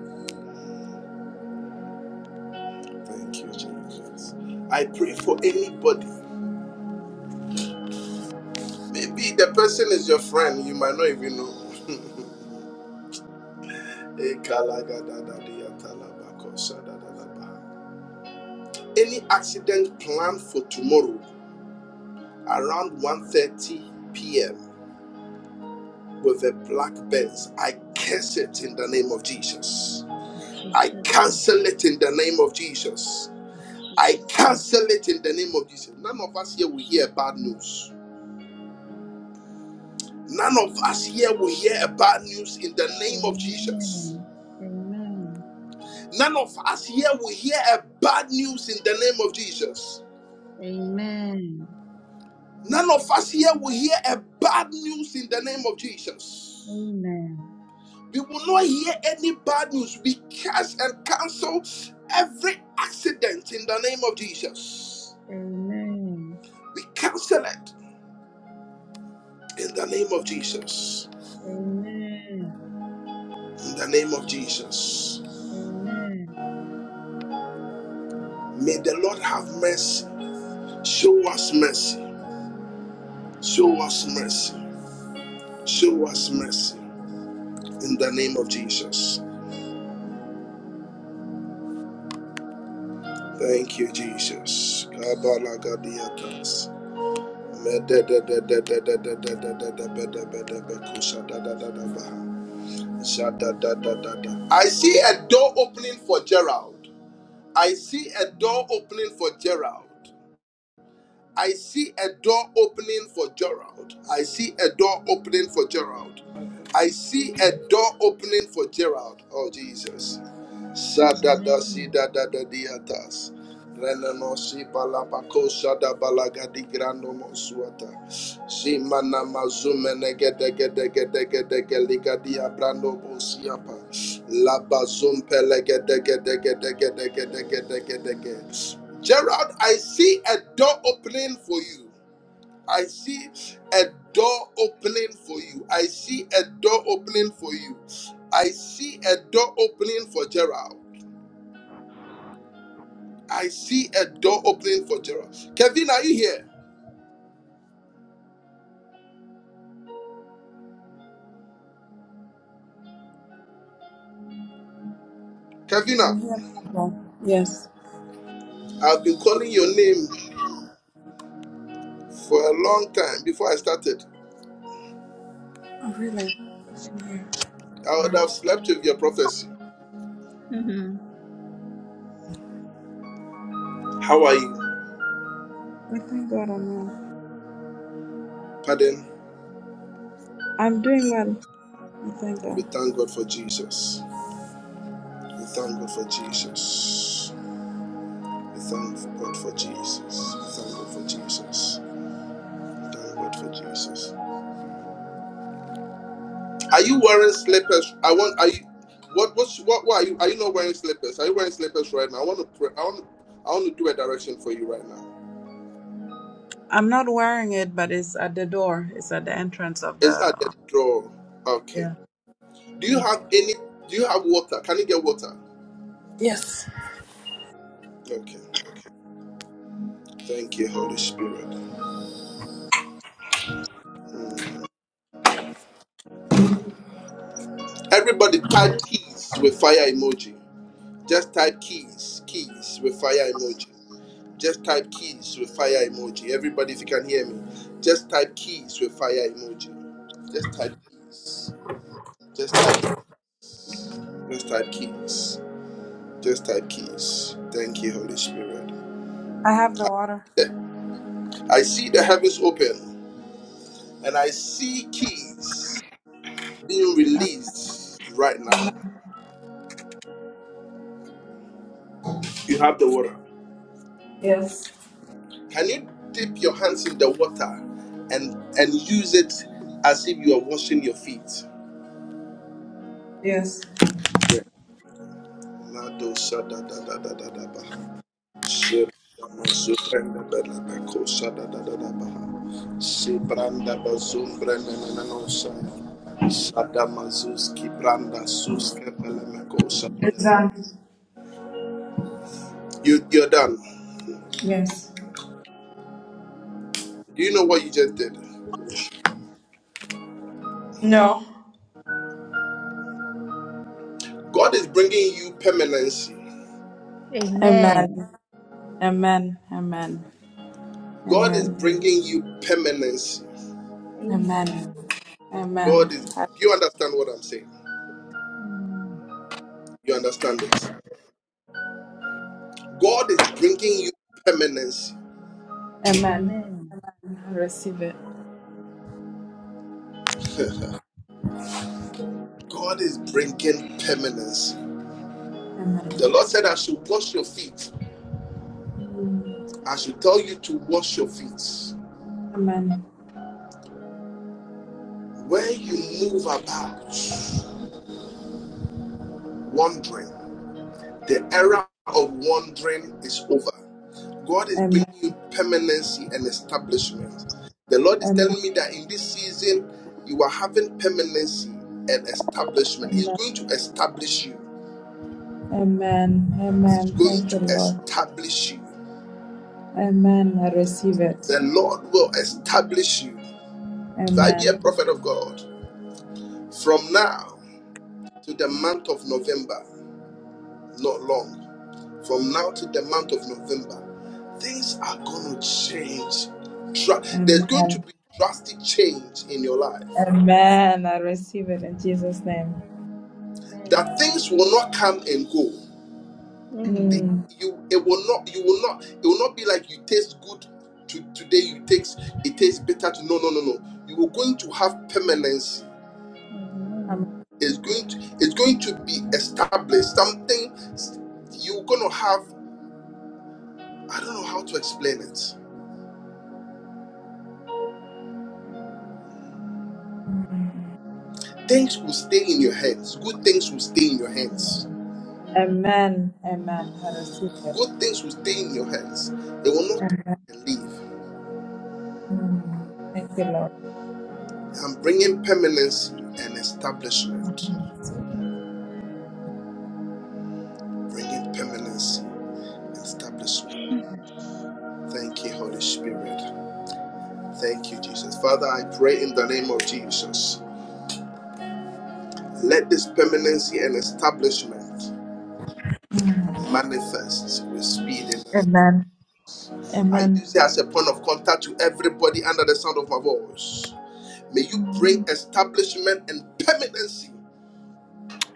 A: Thank you, Jesus. I pray for anybody Maybe the person is your friend, you might not even know. Any accident planned for tomorrow around one thirty p.m. with a black Benz, I curse it in the name of Jesus.
K: In
A: I
K: Jesus' name.
A: cancel it in the name of Jesus.
K: In
A: I
K: Jesus' name.
A: cancel it in the name of Jesus. None of us here will
K: In
A: hear bad
K: Jesus' name.
A: news. None of us here will hear bad news in the name of Jesus.
K: Amen. Amen. Amen.
A: None of us here will hear a bad news in the name of Jesus.
K: Amen.
A: None of us here will hear a bad news in the name of Jesus. We will not hear any bad news. We curse and cancel every accident in the name of Jesus.
K: Amen.
A: We cancel it in the name of Jesus.
K: Amen.
A: In the name of Jesus.
K: Amen.
A: May the Lord have mercy. Show us mercy. Show us mercy. Show us mercy. In the name of Jesus. Thank you, Jesus. Kabalagadiatas. I see a door opening for Gerald. I see a door opening for Gerald. I see a door opening for Gerald. I see a door opening for Gerald. I see a door opening for Gerald. Oh, Jesus. Gerard, I see
K: Amen.
A: a door opening for you. I see a door opening for you. I see a door opening for you. I see a door opening for Gerard. I see a door opening for Gerald. Kevin, are you here?
B: I'm
A: Kevina,
B: here. now. Yes.
A: I've been calling your name for a long time before I started.
B: Oh, really? I'm here.
A: I would
B: Sorry.
A: have slept with your prophecy.
K: Amen.
A: How are you?
B: We thank God I'm well.
A: Pardon?
B: I'm doing well. We thank
A: We
B: God.
A: thank God for Jesus. We thank God for Jesus. We thank God for Jesus. We thank God for Jesus. We thank God for Jesus. Are you wearing slippers? I want. Are you? What? What's? What? Why are you? Are you not wearing slippers? Are you wearing slippers right now? I want to. Pray, I want. To, I want to do a direction for you right now.
B: I'm not wearing it, but it's at the door. It's at the entrance of
A: It's at the
B: the.
A: drawer. Okay.
B: Yeah.
A: Do you
B: yeah.
A: have any? Do you have water? Can you get water?
B: Yes.
A: Okay. Thank you, Holy Spirit. Mm. Everybody type keys with fire emoji. Just type keys, keys with fire emoji. Just type keys with fire emoji. Everybody, if you can hear me, just type keys with fire emoji. Just type, just type, just type keys. Just type keys. Thank you, Holy Spirit.
B: I have the water.
A: I see the heavens open and I see keys. being released right now. You have the water.
B: Yes.
A: Can you dip your hands in the water and and use it as if you are washing your feet?
B: Yes.
A: Yeah. no so
B: It's done.
A: You, you're done.
B: Yes.
A: Do you know what you just did?
B: No.
A: God is bringing you permanency.
B: Amen.
K: Amen.
B: Amen. Amen.
A: God is
B: Amen.
K: Amen.
A: bringing you permanence.
B: Amen.
K: Amen.
A: God
B: Amen.
K: Amen.
A: is,
B: I-
A: you understand what I'm saying? You understand it? God is bringing you permanence.
B: Amen.
K: Amen.
B: Amen. I receive it.
A: God is bringing permanence. The
B: Amen.
A: Lord said, I should wash your feet.
B: Mm.
A: I should tell you to wash your feet.
B: Amen.
A: When you move about, wandering, the era of wandering is over. God is bringing
B: Amen.
A: you permanency and establishment. The Lord is
B: Amen.
A: telling me that in this season, you are having permanency and establishment. He's
B: Amen.
A: going to establish you.
B: Amen.
A: He's
B: Amen.
A: going
B: Thank you,
A: to
B: Lord.
A: establish you.
B: Amen. I receive it.
A: The Lord will establish you. If I be a
B: Amen.
A: prophet of God, from now to the month of November, not long, from now to the month of November, things are going to change. Dra- There's going to
B: Amen.
A: be drastic change in your life.
B: Amen. I receive it in Jesus' name.
K: Amen.
A: that things will not come and go. The-
K: Amen.
B: Mm.
A: You it will not you will not it will not be like you taste good to today you taste it tastes bitter to no no no no. You are going to have permanence.
K: Amen. Amen.
A: It's going to it's going to be established. Something you're gonna have I don't know how to explain it. Things will stay in your hands. Good things will stay in your hands.
B: Amen. Amen. I receive it.
A: Good things will stay in your hands. They will not come
B: Amen.
A: and leave.
B: Mm. Thank you, Lord.
A: I'm bringing permanency and establishment.
B: Mm.
A: Bringing permanency. establishment. Thank you, Holy Spirit. Thank you, Jesus. Father, I pray in the name of Jesus. Let this permanency and establishment manifest with speed. In the
B: Amen.
A: name. I
B: Amen.
A: use it as a point of contact to everybody under the sound of my voice. May you bring
B: Mm.
A: establishment and permanency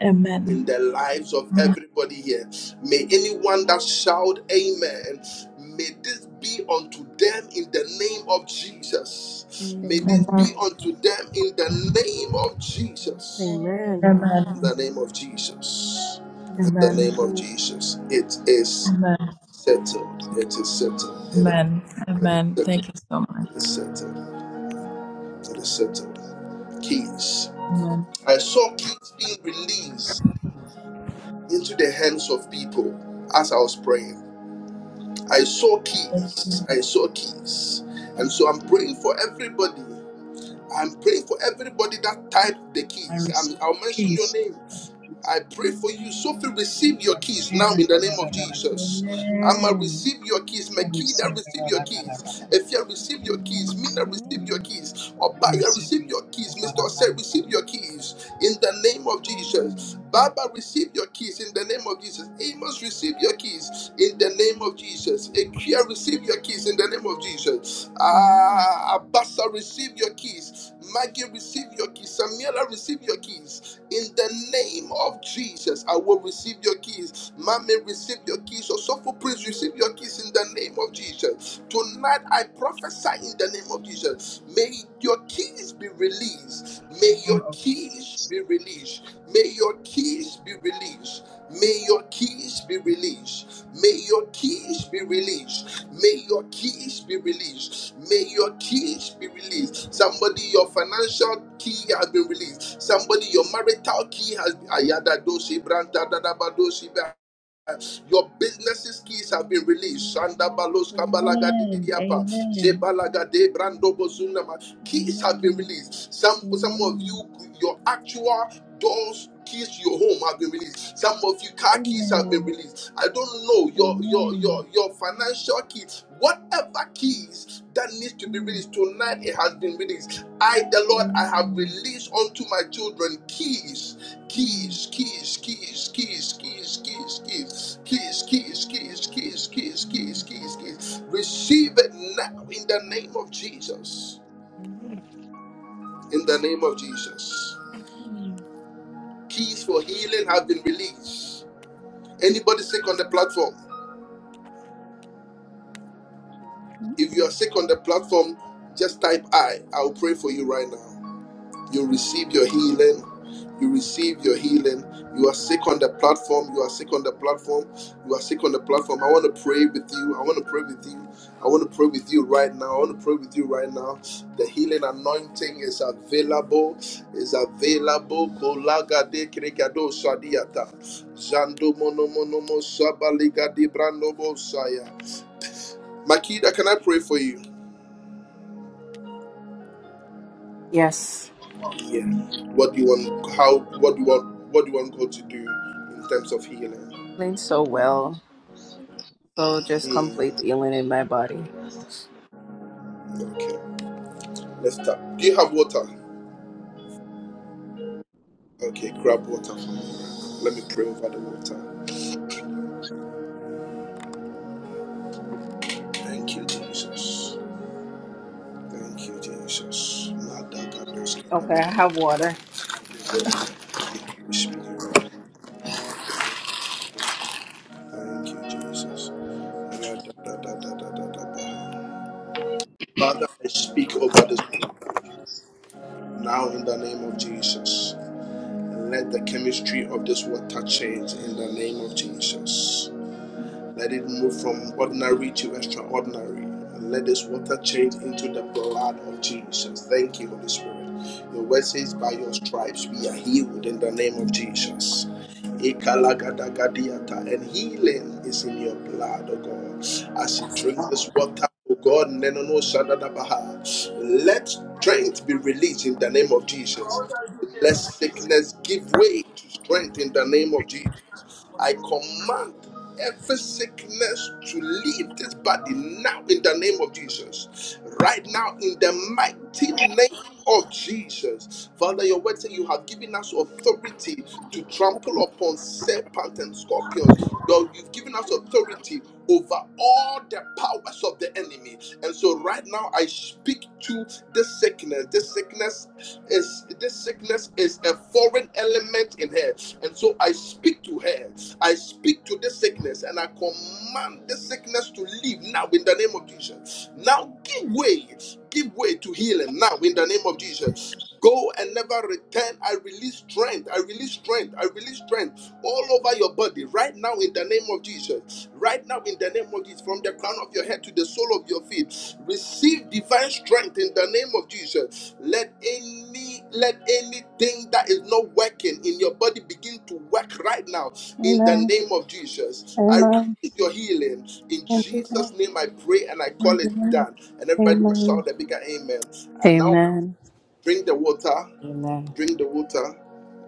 B: Amen.
A: in the lives of
B: Amen.
A: everybody here. May anyone that shout amen, may this be unto them in the name of Jesus.
K: Amen. Amen.
A: May this
E: Amen.
B: Amen.
A: be unto them in the name of Jesus.
N: Amen.
E: Amen.
A: In
B: Amen.
A: the name of Jesus. In
K: Amen.
A: the name
B: Amen.
A: of Jesus. It is
B: Amen.
A: settled. It is settled. It
B: Amen.
A: is,
B: Amen.
A: it is
B: Thank you so
A: settled.
B: much.
A: It is settled. It is settled. Keys.
B: Amen.
A: I saw keys being released into the hands of people as I was praying. I saw keys. I saw keys. And so I'm praying for everybody. I'm praying for everybody that typed the
L: I
A: keys.
L: receive
A: I'm, I'll mention your
L: peace.
A: name.
L: I
A: I pray for you, Sophie. Receive your keys
L: receive
A: now in
L: it.
A: the name of Jesus. Amma,
E: Amen.
A: receive your keys.
L: I
A: Makeda,
L: receive the
A: receive
L: word
A: your
L: I
A: keys. Efia, receive your keys. Mina,
E: Amen.
A: receive your keys. Obaya,
L: receive
A: receive
L: it.
A: your keys. Mr. Osei, receive your
L: In
A: keys in the name of Jesus. Baba, receive your keys in the name of Jesus. Amos, receive your keys in the name of Jesus. Ekia, receive your keys in the name of Jesus.
E: Amen.
A: Ah, Abasa, receive your keys. Maggie, receive your keys. Samira, receive your keys. In the name of Jesus, I will receive your keys. Mommy, receive your keys. Osofo, please receive your keys in the name of Jesus. Tonight, I prophesy in the name of Jesus. May your keys be released.
L: the
A: May
L: name
A: your
L: of
A: keys
L: Jesus.
A: be released. May your keys be released. May your keys be released. May your keys be released. May your keys be released. May your keys be released. Somebody, your financial key has been released. Somebody, your marital key has been. Ayada dosi branta dada badosi be your businesses keys have been released. Shanda balos kabalaga
K: Amen. Amen. Amen.
A: didiapa.
K: Amen.
A: Jebalaga de brando bozunama. Keys have been released. Some
K: Amen. Amen. Amen. Amen.
A: some of
K: Amen.
A: you, your actual doors keys to your home have been released. Some of you car keys have been
K: Amen.
A: released. I don't know your your
K: Amen.
A: your your financial keys. Whatever keys that needs to be
K: Amen.
A: released tonight, it has been released. I, the Lord, I have
K: Amen.
A: released unto my children keys, keys, keys, keys, keys, keys, keys, keys, keys, keys, keys, keys, keys,
K: amen,
A: keys, keys, keys. Receive it now in the name of Jesus.
E: Amen.
A: In the name of Jesus.
K: Hmm.
A: Keys for healing have been released. Anybody sick on the platform? If you are sick on the platform, just type I. I'll pray for you right now. You receive your healing. You receive your healing. You are sick on the platform. You are sick on the platform. You are sick on the platform. I want to pray with you. I want to pray with you. I want to pray with you right now. I want to pray with you right now. The healing anointing is available. Is available. Kolaga de krekado sadiata. Zando mono mono mo sabaliga di brando bosaya. Makida, can I pray for you?
O: Yes.
A: Yeah. What do you want? How? What do you want? What do you want God to do in terms of healing?
O: Feeling so well. So just
A: Hmm.
O: complete healing in my body.
A: Okay. Let's start. Do you have water? Okay. Grab water from me. Let me pray over the water. Thank you, Jesus. Thank you, Jesus.
O: Okay,
A: Madagadoskadada.
O: I have water.
A: Have your water. Thank you, Holy Spirit. Thank you, Jesus. Radadadadadadada. Father, I speak over this water now in the name of Jesus. Let the chemistry of this water change in the name of Jesus. Let it move from ordinary to extraordinary. And let this water change into the blood of Jesus. Thank you, Holy Spirit. Your word says, By your stripes we are healed in the name of Jesus. Ikalagadagadiata. And healing is in your blood, oh God. As you drink this water, oh God, nenono shadadabaha. let strength be released in the name of Jesus. Let sickness give way to strength in the name of Jesus. I command every sickness to leave this body now in the name of Jesus. Right now, in the mighty name of Jesus. Father, your word says you have given us authority to trample upon serpents and scorpions. Lord, you've given us authority over all the powers of the enemy. And so, right now, I speak to this sickness. This sickness is this sickness is a foreign element in her. And so I speak to her. I speak to this sickness and I command this sickness to leave now in the name of Jesus. Now give way, give way to healing now in the name of Jesus. Go and never return. I release strength. I release strength. I release strength all over your body right now in the name of Jesus. Right now in the name of Jesus, from the crown of your head to the sole of your feet, receive divine strength in the name of Jesus. Let any let anything that is not working in your body begin to work right now in the
O: Amen.
A: name of Jesus. I release
O: Amen.
A: your healing. In
O: Thank you, God.
A: Jesus' name I pray and I call it
O: Amen.
A: done. And everybody will
O: Amen.
A: shout a bigger amen. And now
O: Amen.
A: drink the water.
O: Amen.
A: Drink the water.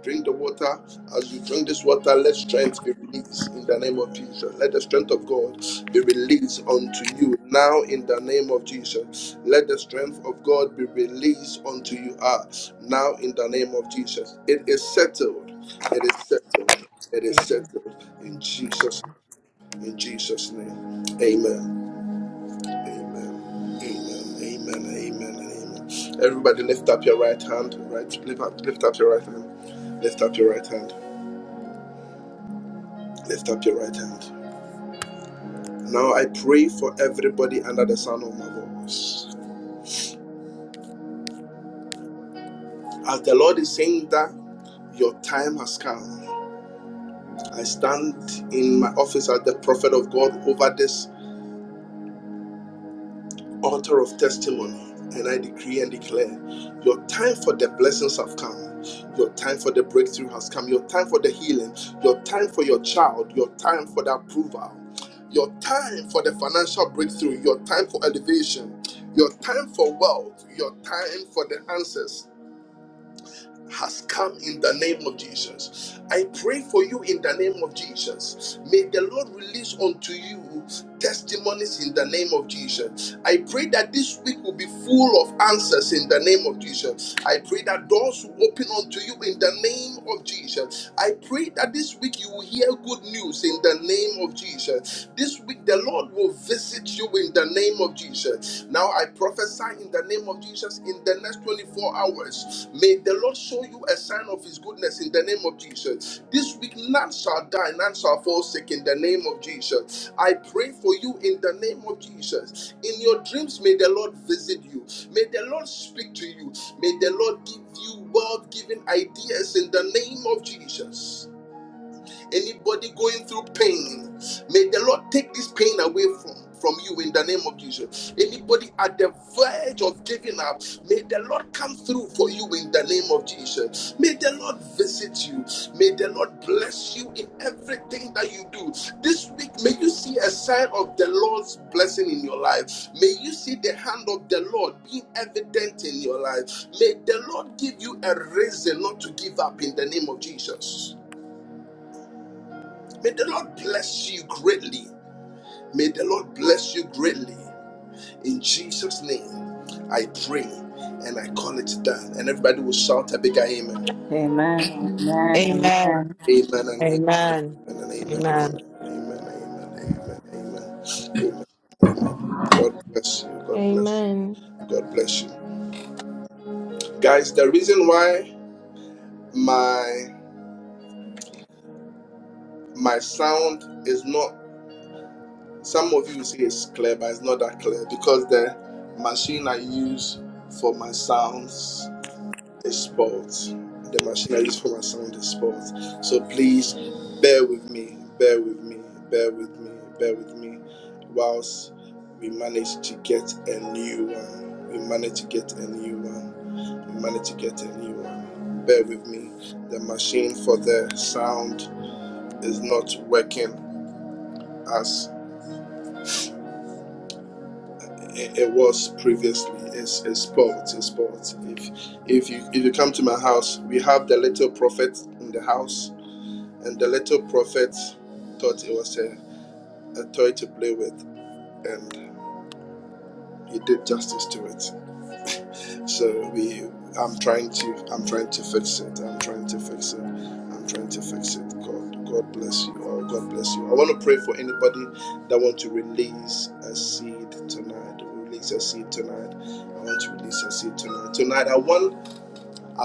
A: Drink the water. As you drink this water, let strength be released in the name of Jesus. Let the strength of God be released unto you now in the name of Jesus. Let the strength of God be released unto you ah, now in the name of Jesus. It is settled. It is settled. It is settled in
O: Amen.
A: Jesus. In Jesus' name. Amen. Amen. Amen. Amen. Amen. Amen. Everybody, lift up your right hand. Right, lift up, lift up your right hand. Lift up your right hand. Lift up your right hand. Now I pray for everybody under the sound of my voice. As the Lord is saying that your time has come, I stand in my office as the prophet of God over this altar of testimony. And I decree and declare your time for the blessings have come. Your time for the breakthrough has come. Your time for the healing. Your time for your child. Your time for the approval. Your time for the financial breakthrough. Your time for elevation. Your time for wealth. Your time for the answers has come in the name of Jesus. I pray for you in the name of Jesus. May the Lord release unto you testimonies in the name of Jesus. I pray that this week will be full of answers in the name of Jesus. I pray that doors will open unto you in the name of Jesus. I pray that this week you will hear good news in the name of Jesus. This week the Lord will visit you in the the name of Jesus. Now I prophesy in the name of Jesus in the next 24 hours. May the Lord show you a sign of his goodness in the name of Jesus. This week none shall die, none shall fall sick in the name of Jesus. I pray for you in the name of Jesus. In your dreams, may the Lord visit you. May the Lord speak to you. May the Lord give you world-giving ideas in the name of Jesus. Anybody going through pain, may the Lord take this pain away from from you in the name of Jesus. Anybody at the verge of giving up, may the Lord come through for you in the name of Jesus. May the Lord visit you. May the Lord bless you in everything that you do. This week, may you see a sign of the Lord's blessing in your life. May you see the hand of the Lord being evident in your life. May the Lord give you a reason not to give up in the name of Jesus. May the Lord bless you greatly. May the Lord bless you greatly. In Jesus' name, I pray and I call it done. And everybody will shout a bigger amen.
O: Amen.
E: Amen.
O: Amen. Amen.
P: Amen.
A: Amen and amen
P: Amen.
A: and amen and amen.
P: Amen.
A: Amen, amen, amen, amen. Amen, amen. God bless you. God bless
Q: Amen.
A: you. God bless you. Guys, the reason why my my sound is not Some of you say it's clear, but it's not that clear because the machine I use for my sounds is sport. The machine I use for my sound is sport. So please bear with me, bear with me, bear with me, bear with me, whilst we manage to get a new one. We manage to get a new one. We manage to get a new one. Bear with me. The machine for the sound is not working as. it, was previously. It's, it's sport. It's sport. If if you if you come to my house, we have the little prophet in the house, and the little prophet thought it was a, a toy to play with, and he did justice to it. So we, I'm trying to, I'm trying to fix it. I'm trying to fix it. I'm trying to fix it. God, God bless you. Oh, God bless you. I want to pray for anybody that want to release a seed tonight. Release a seed tonight. I want to release a seed tonight. Tonight, I want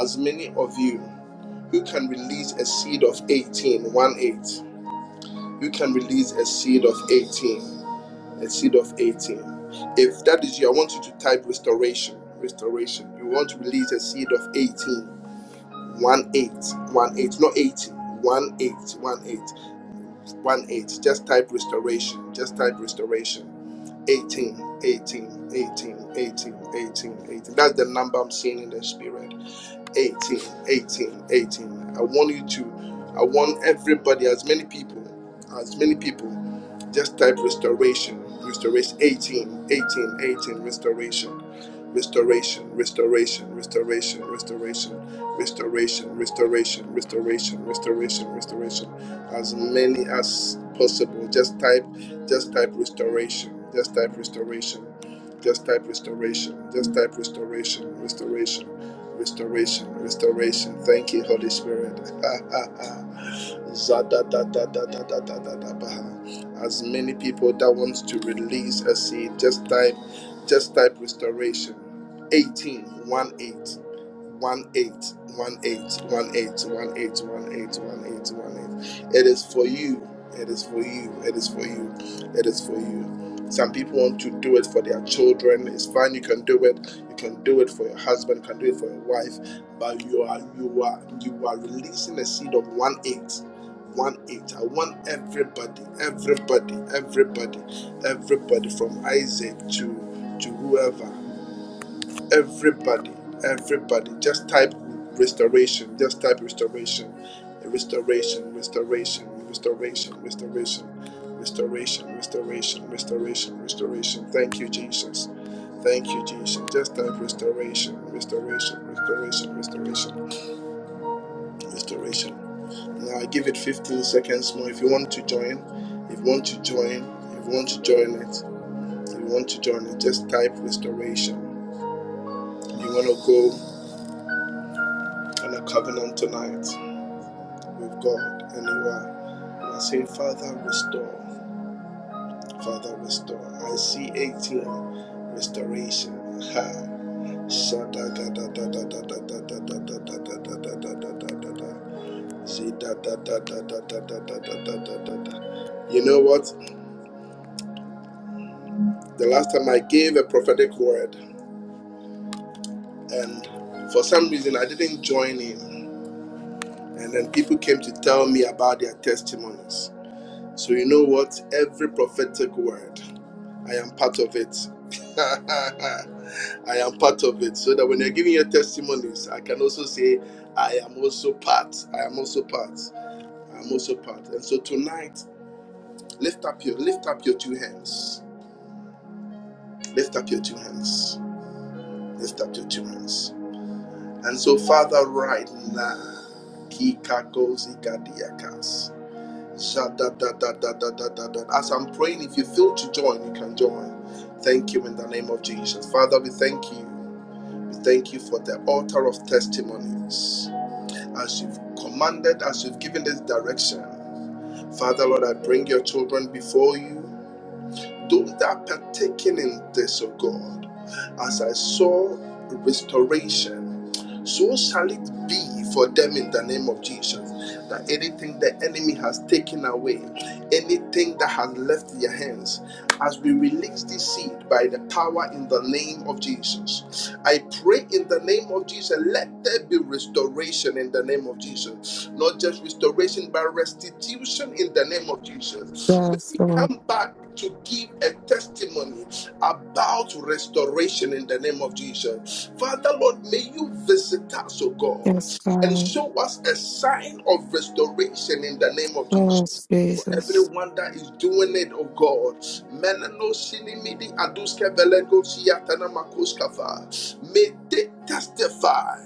A: as many of you who can release a seed of eighteen, one eight. You can release a seed of 18 a seed of 18. If that is you, I want you to type restoration. Restoration. You want to release a seed of 18. 1 8. 1 8. Not 80. 1 8. 1 8. 1 8. Just type restoration. Just type restoration. 18. 18. 18. 18. 18. 18. That's the number I'm seeing in the spirit. 18, 18, 18. I want you to, I want everybody, as many people, as many people, just type restoration, restoration, 18, 18, 18, restoration, restoration, restoration, restoration, restoration, restoration, restoration, restoration, restoration, restoration, as many as possible. Just type, just type restoration, just type restoration, just type restoration, just type restoration, restoration Restoration, restoration. Thank you, Holy Spirit. Zadadadadadadadadabaha. As many people that wants to release a seed, just type, just type restoration. 18, one eight, one eight, one eight, one eight, one eight, one eight, one eight, one eight. It is for you. It is for you. It is for you. It is for you. Some people want to do it for their children. It's fine. You can do it. You can do it for your husband. You can do it for your wife. But you are you are you are releasing a seed of one eight want it. I want everybody, everybody, everybody, everybody from Isaac to to whoever. Everybody, everybody. Just type restoration. Just type restoration. Restoration, restoration, restoration, restoration, restoration, restoration, restoration, restoration. Thank you, Jesus. Thank you, Jesus. Just type restoration, restoration, restoration, restoration restoration. Now I give it 15 seconds more. If you want to join, if you want to join, if you want to join it, if you want to join it, just type restoration. You want to go on a covenant tonight with God, and you are, you are saying, Father, restore, Father, restore. I see 18 restoration. Ha. Shada da da da da da da da da da da da da da da da da da da. See da da da da da da da da da da da da. You know what? The last time I gave a prophetic word, and for some reason I didn't join in, and then people came to tell me about their testimonies. So, you know what? Every prophetic word, I am part of it. I am part of it. So that when you're giving your testimonies, I can also say, I am also part. I am also part. I am also part. And so tonight, lift up your lift up your two hands. Lift up your two hands. Lift up your two hands And so, Father, right now, Kikakosika-diakas, as I'm praying, if you feel to join, you can join. Thank you in the name of Jesus. Father, we thank you. We thank you for the altar of testimonies. As you've commanded, as you've given this direction, Father, Lord, I bring your children before you. Those that are partaking in this, of God, as I saw restoration, so shall it be for them in the name of Jesus. That anything the enemy has taken away, anything that has left their hands, as we release this seed by the power in the name of Jesus. I pray in the name of Jesus, let there be restoration in the name of Jesus. Not just restoration, but restitution in the name of Jesus. May
P: Yes,
A: We
P: Lord.
A: come back to give a testimony about restoration in the name of Jesus. Father, Lord, may you visit us, O God,
P: Yes,
A: and
P: God.
A: show us a sign of restoration in the name of Jesus.
P: Yes,
A: For
P: Jesus.
A: everyone that is doing it, oh God, may they testify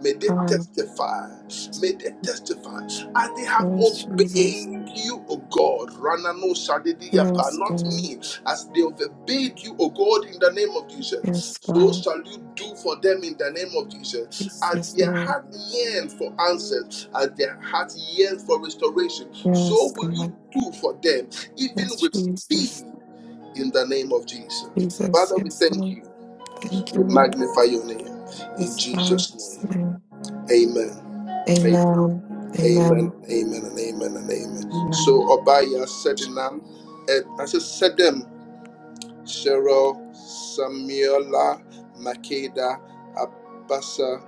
A: May they
P: God.
A: testify. May they testify. as they have
P: Yes, Jesus.
A: obeyed you, O God. Ranano Shadidiyapa,
P: Yes,
A: not
P: God.
A: me. As they have obeyed you, O God, in the name of Jesus.
P: Yes,
A: So
P: God.
A: shall you do for them in the name of Jesus.
P: Yes,
A: As
P: yes,
A: their
P: Lord.
A: heart yearns for answers, as their heart yearns for restoration, so
P: Yes,
A: will
P: God.
A: you do for them, even
P: Yes,
A: with speed,
P: Jesus.
A: in the name of Jesus.
P: Jesus.
A: Father, we
P: Yes,
A: thank
P: Lord.
A: you.
P: Thank you,
A: We
P: Lord.
A: magnify your name. In
P: Yes, God.
A: Jesus'
P: Yes,
A: name.
P: Amen.
A: Amen. Amen.
P: Amen.
A: Amen.
P: Amen.
A: Amen. And amen. And amen.
P: Amen.
A: So Obaya said the Sedilam, and I said said them: Cheryl, Samuela, Makeda, Abasa,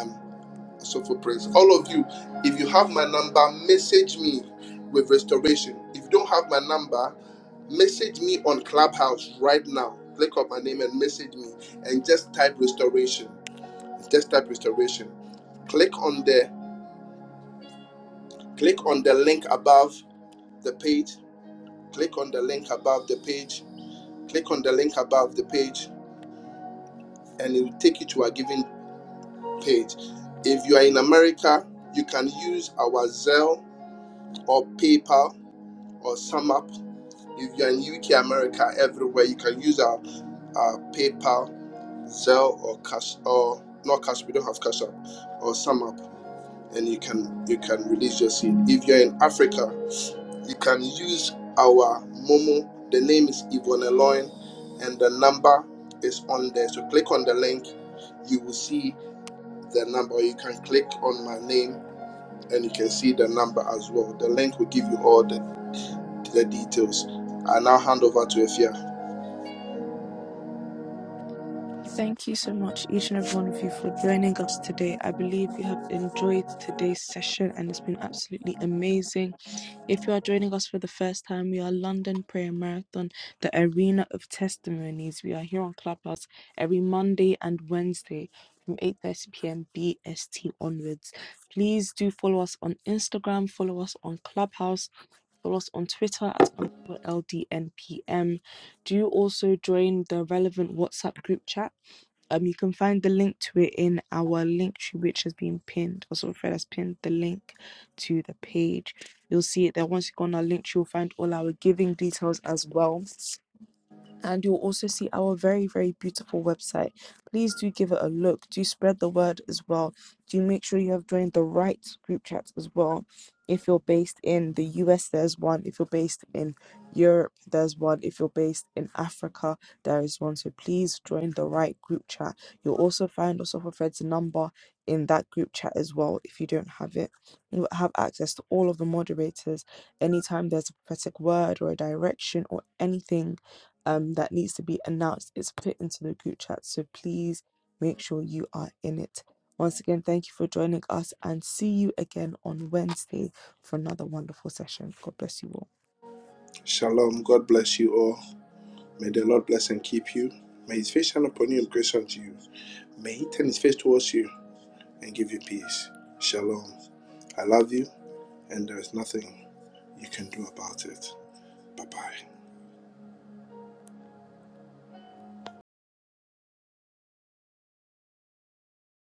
A: um, so for praise. All of you, if you have my number, message me with restoration. If you don't have my number, message me on Clubhouse right now. Click on my name and message me, and just type restoration. Just type restoration. Click on the click on the link above the page, click on the link above the page, click on the link above the page, and it will take you to a giving page. If you are in America, you can use our Zelle or PayPal or SumUp. If you are in UK, America, everywhere, you can use our, our PayPal, Zelle, or Cash or not Cash. We don't have Cash App or SumUp, and you can you can release your seed. If you are in Africa, You can use our Momo. The name is Yvonne Loin, and the number is on there. So click on the link. You will see the number. You can click on my name and you can see the number as well. The link will give you all the, the details. I now hand over to Efia.
E: Thank you so much, each and every one of you, for joining us today. I believe you have enjoyed today's session and it's been absolutely amazing. If you are joining us for the first time, we are London Prayer Marathon, the arena of testimonies. We are here on Clubhouse every Monday and Wednesday from 8:30 p.m. BST onwards. Please do follow us on Instagram, follow us on Clubhouse, follow us on Twitter at LDNPM do also join the relevant WhatsApp group chat. Um, you can find the link to it in our link tree, which has been pinned. Also, Fred has pinned the link to the page. You'll see it there. Once you go on our link tree, you'll find all our giving details as well and you'll also see our very very beautiful website please do give it a look do spread the word as well do make sure you have joined the right group chats as well if you're based in the us there's one if you're based in europe there's one if you're based in africa there is one so please join the right group chat you'll also find also for fred's number in that group chat as well if you don't have it you'll have access to all of the moderators anytime there's a prophetic word or a direction or anything um, that needs to be announced is put into the group chat. So please make sure you are in it. Once again, thank you for joining us and see you again on Wednesday for another wonderful session. God bless you all.
A: Shalom. God bless you all. May the Lord bless and keep you. May his face shine upon you and grace unto you. May he turn his face towards you and give you peace. Shalom. I love you, and there is nothing you can do about it. Bye bye.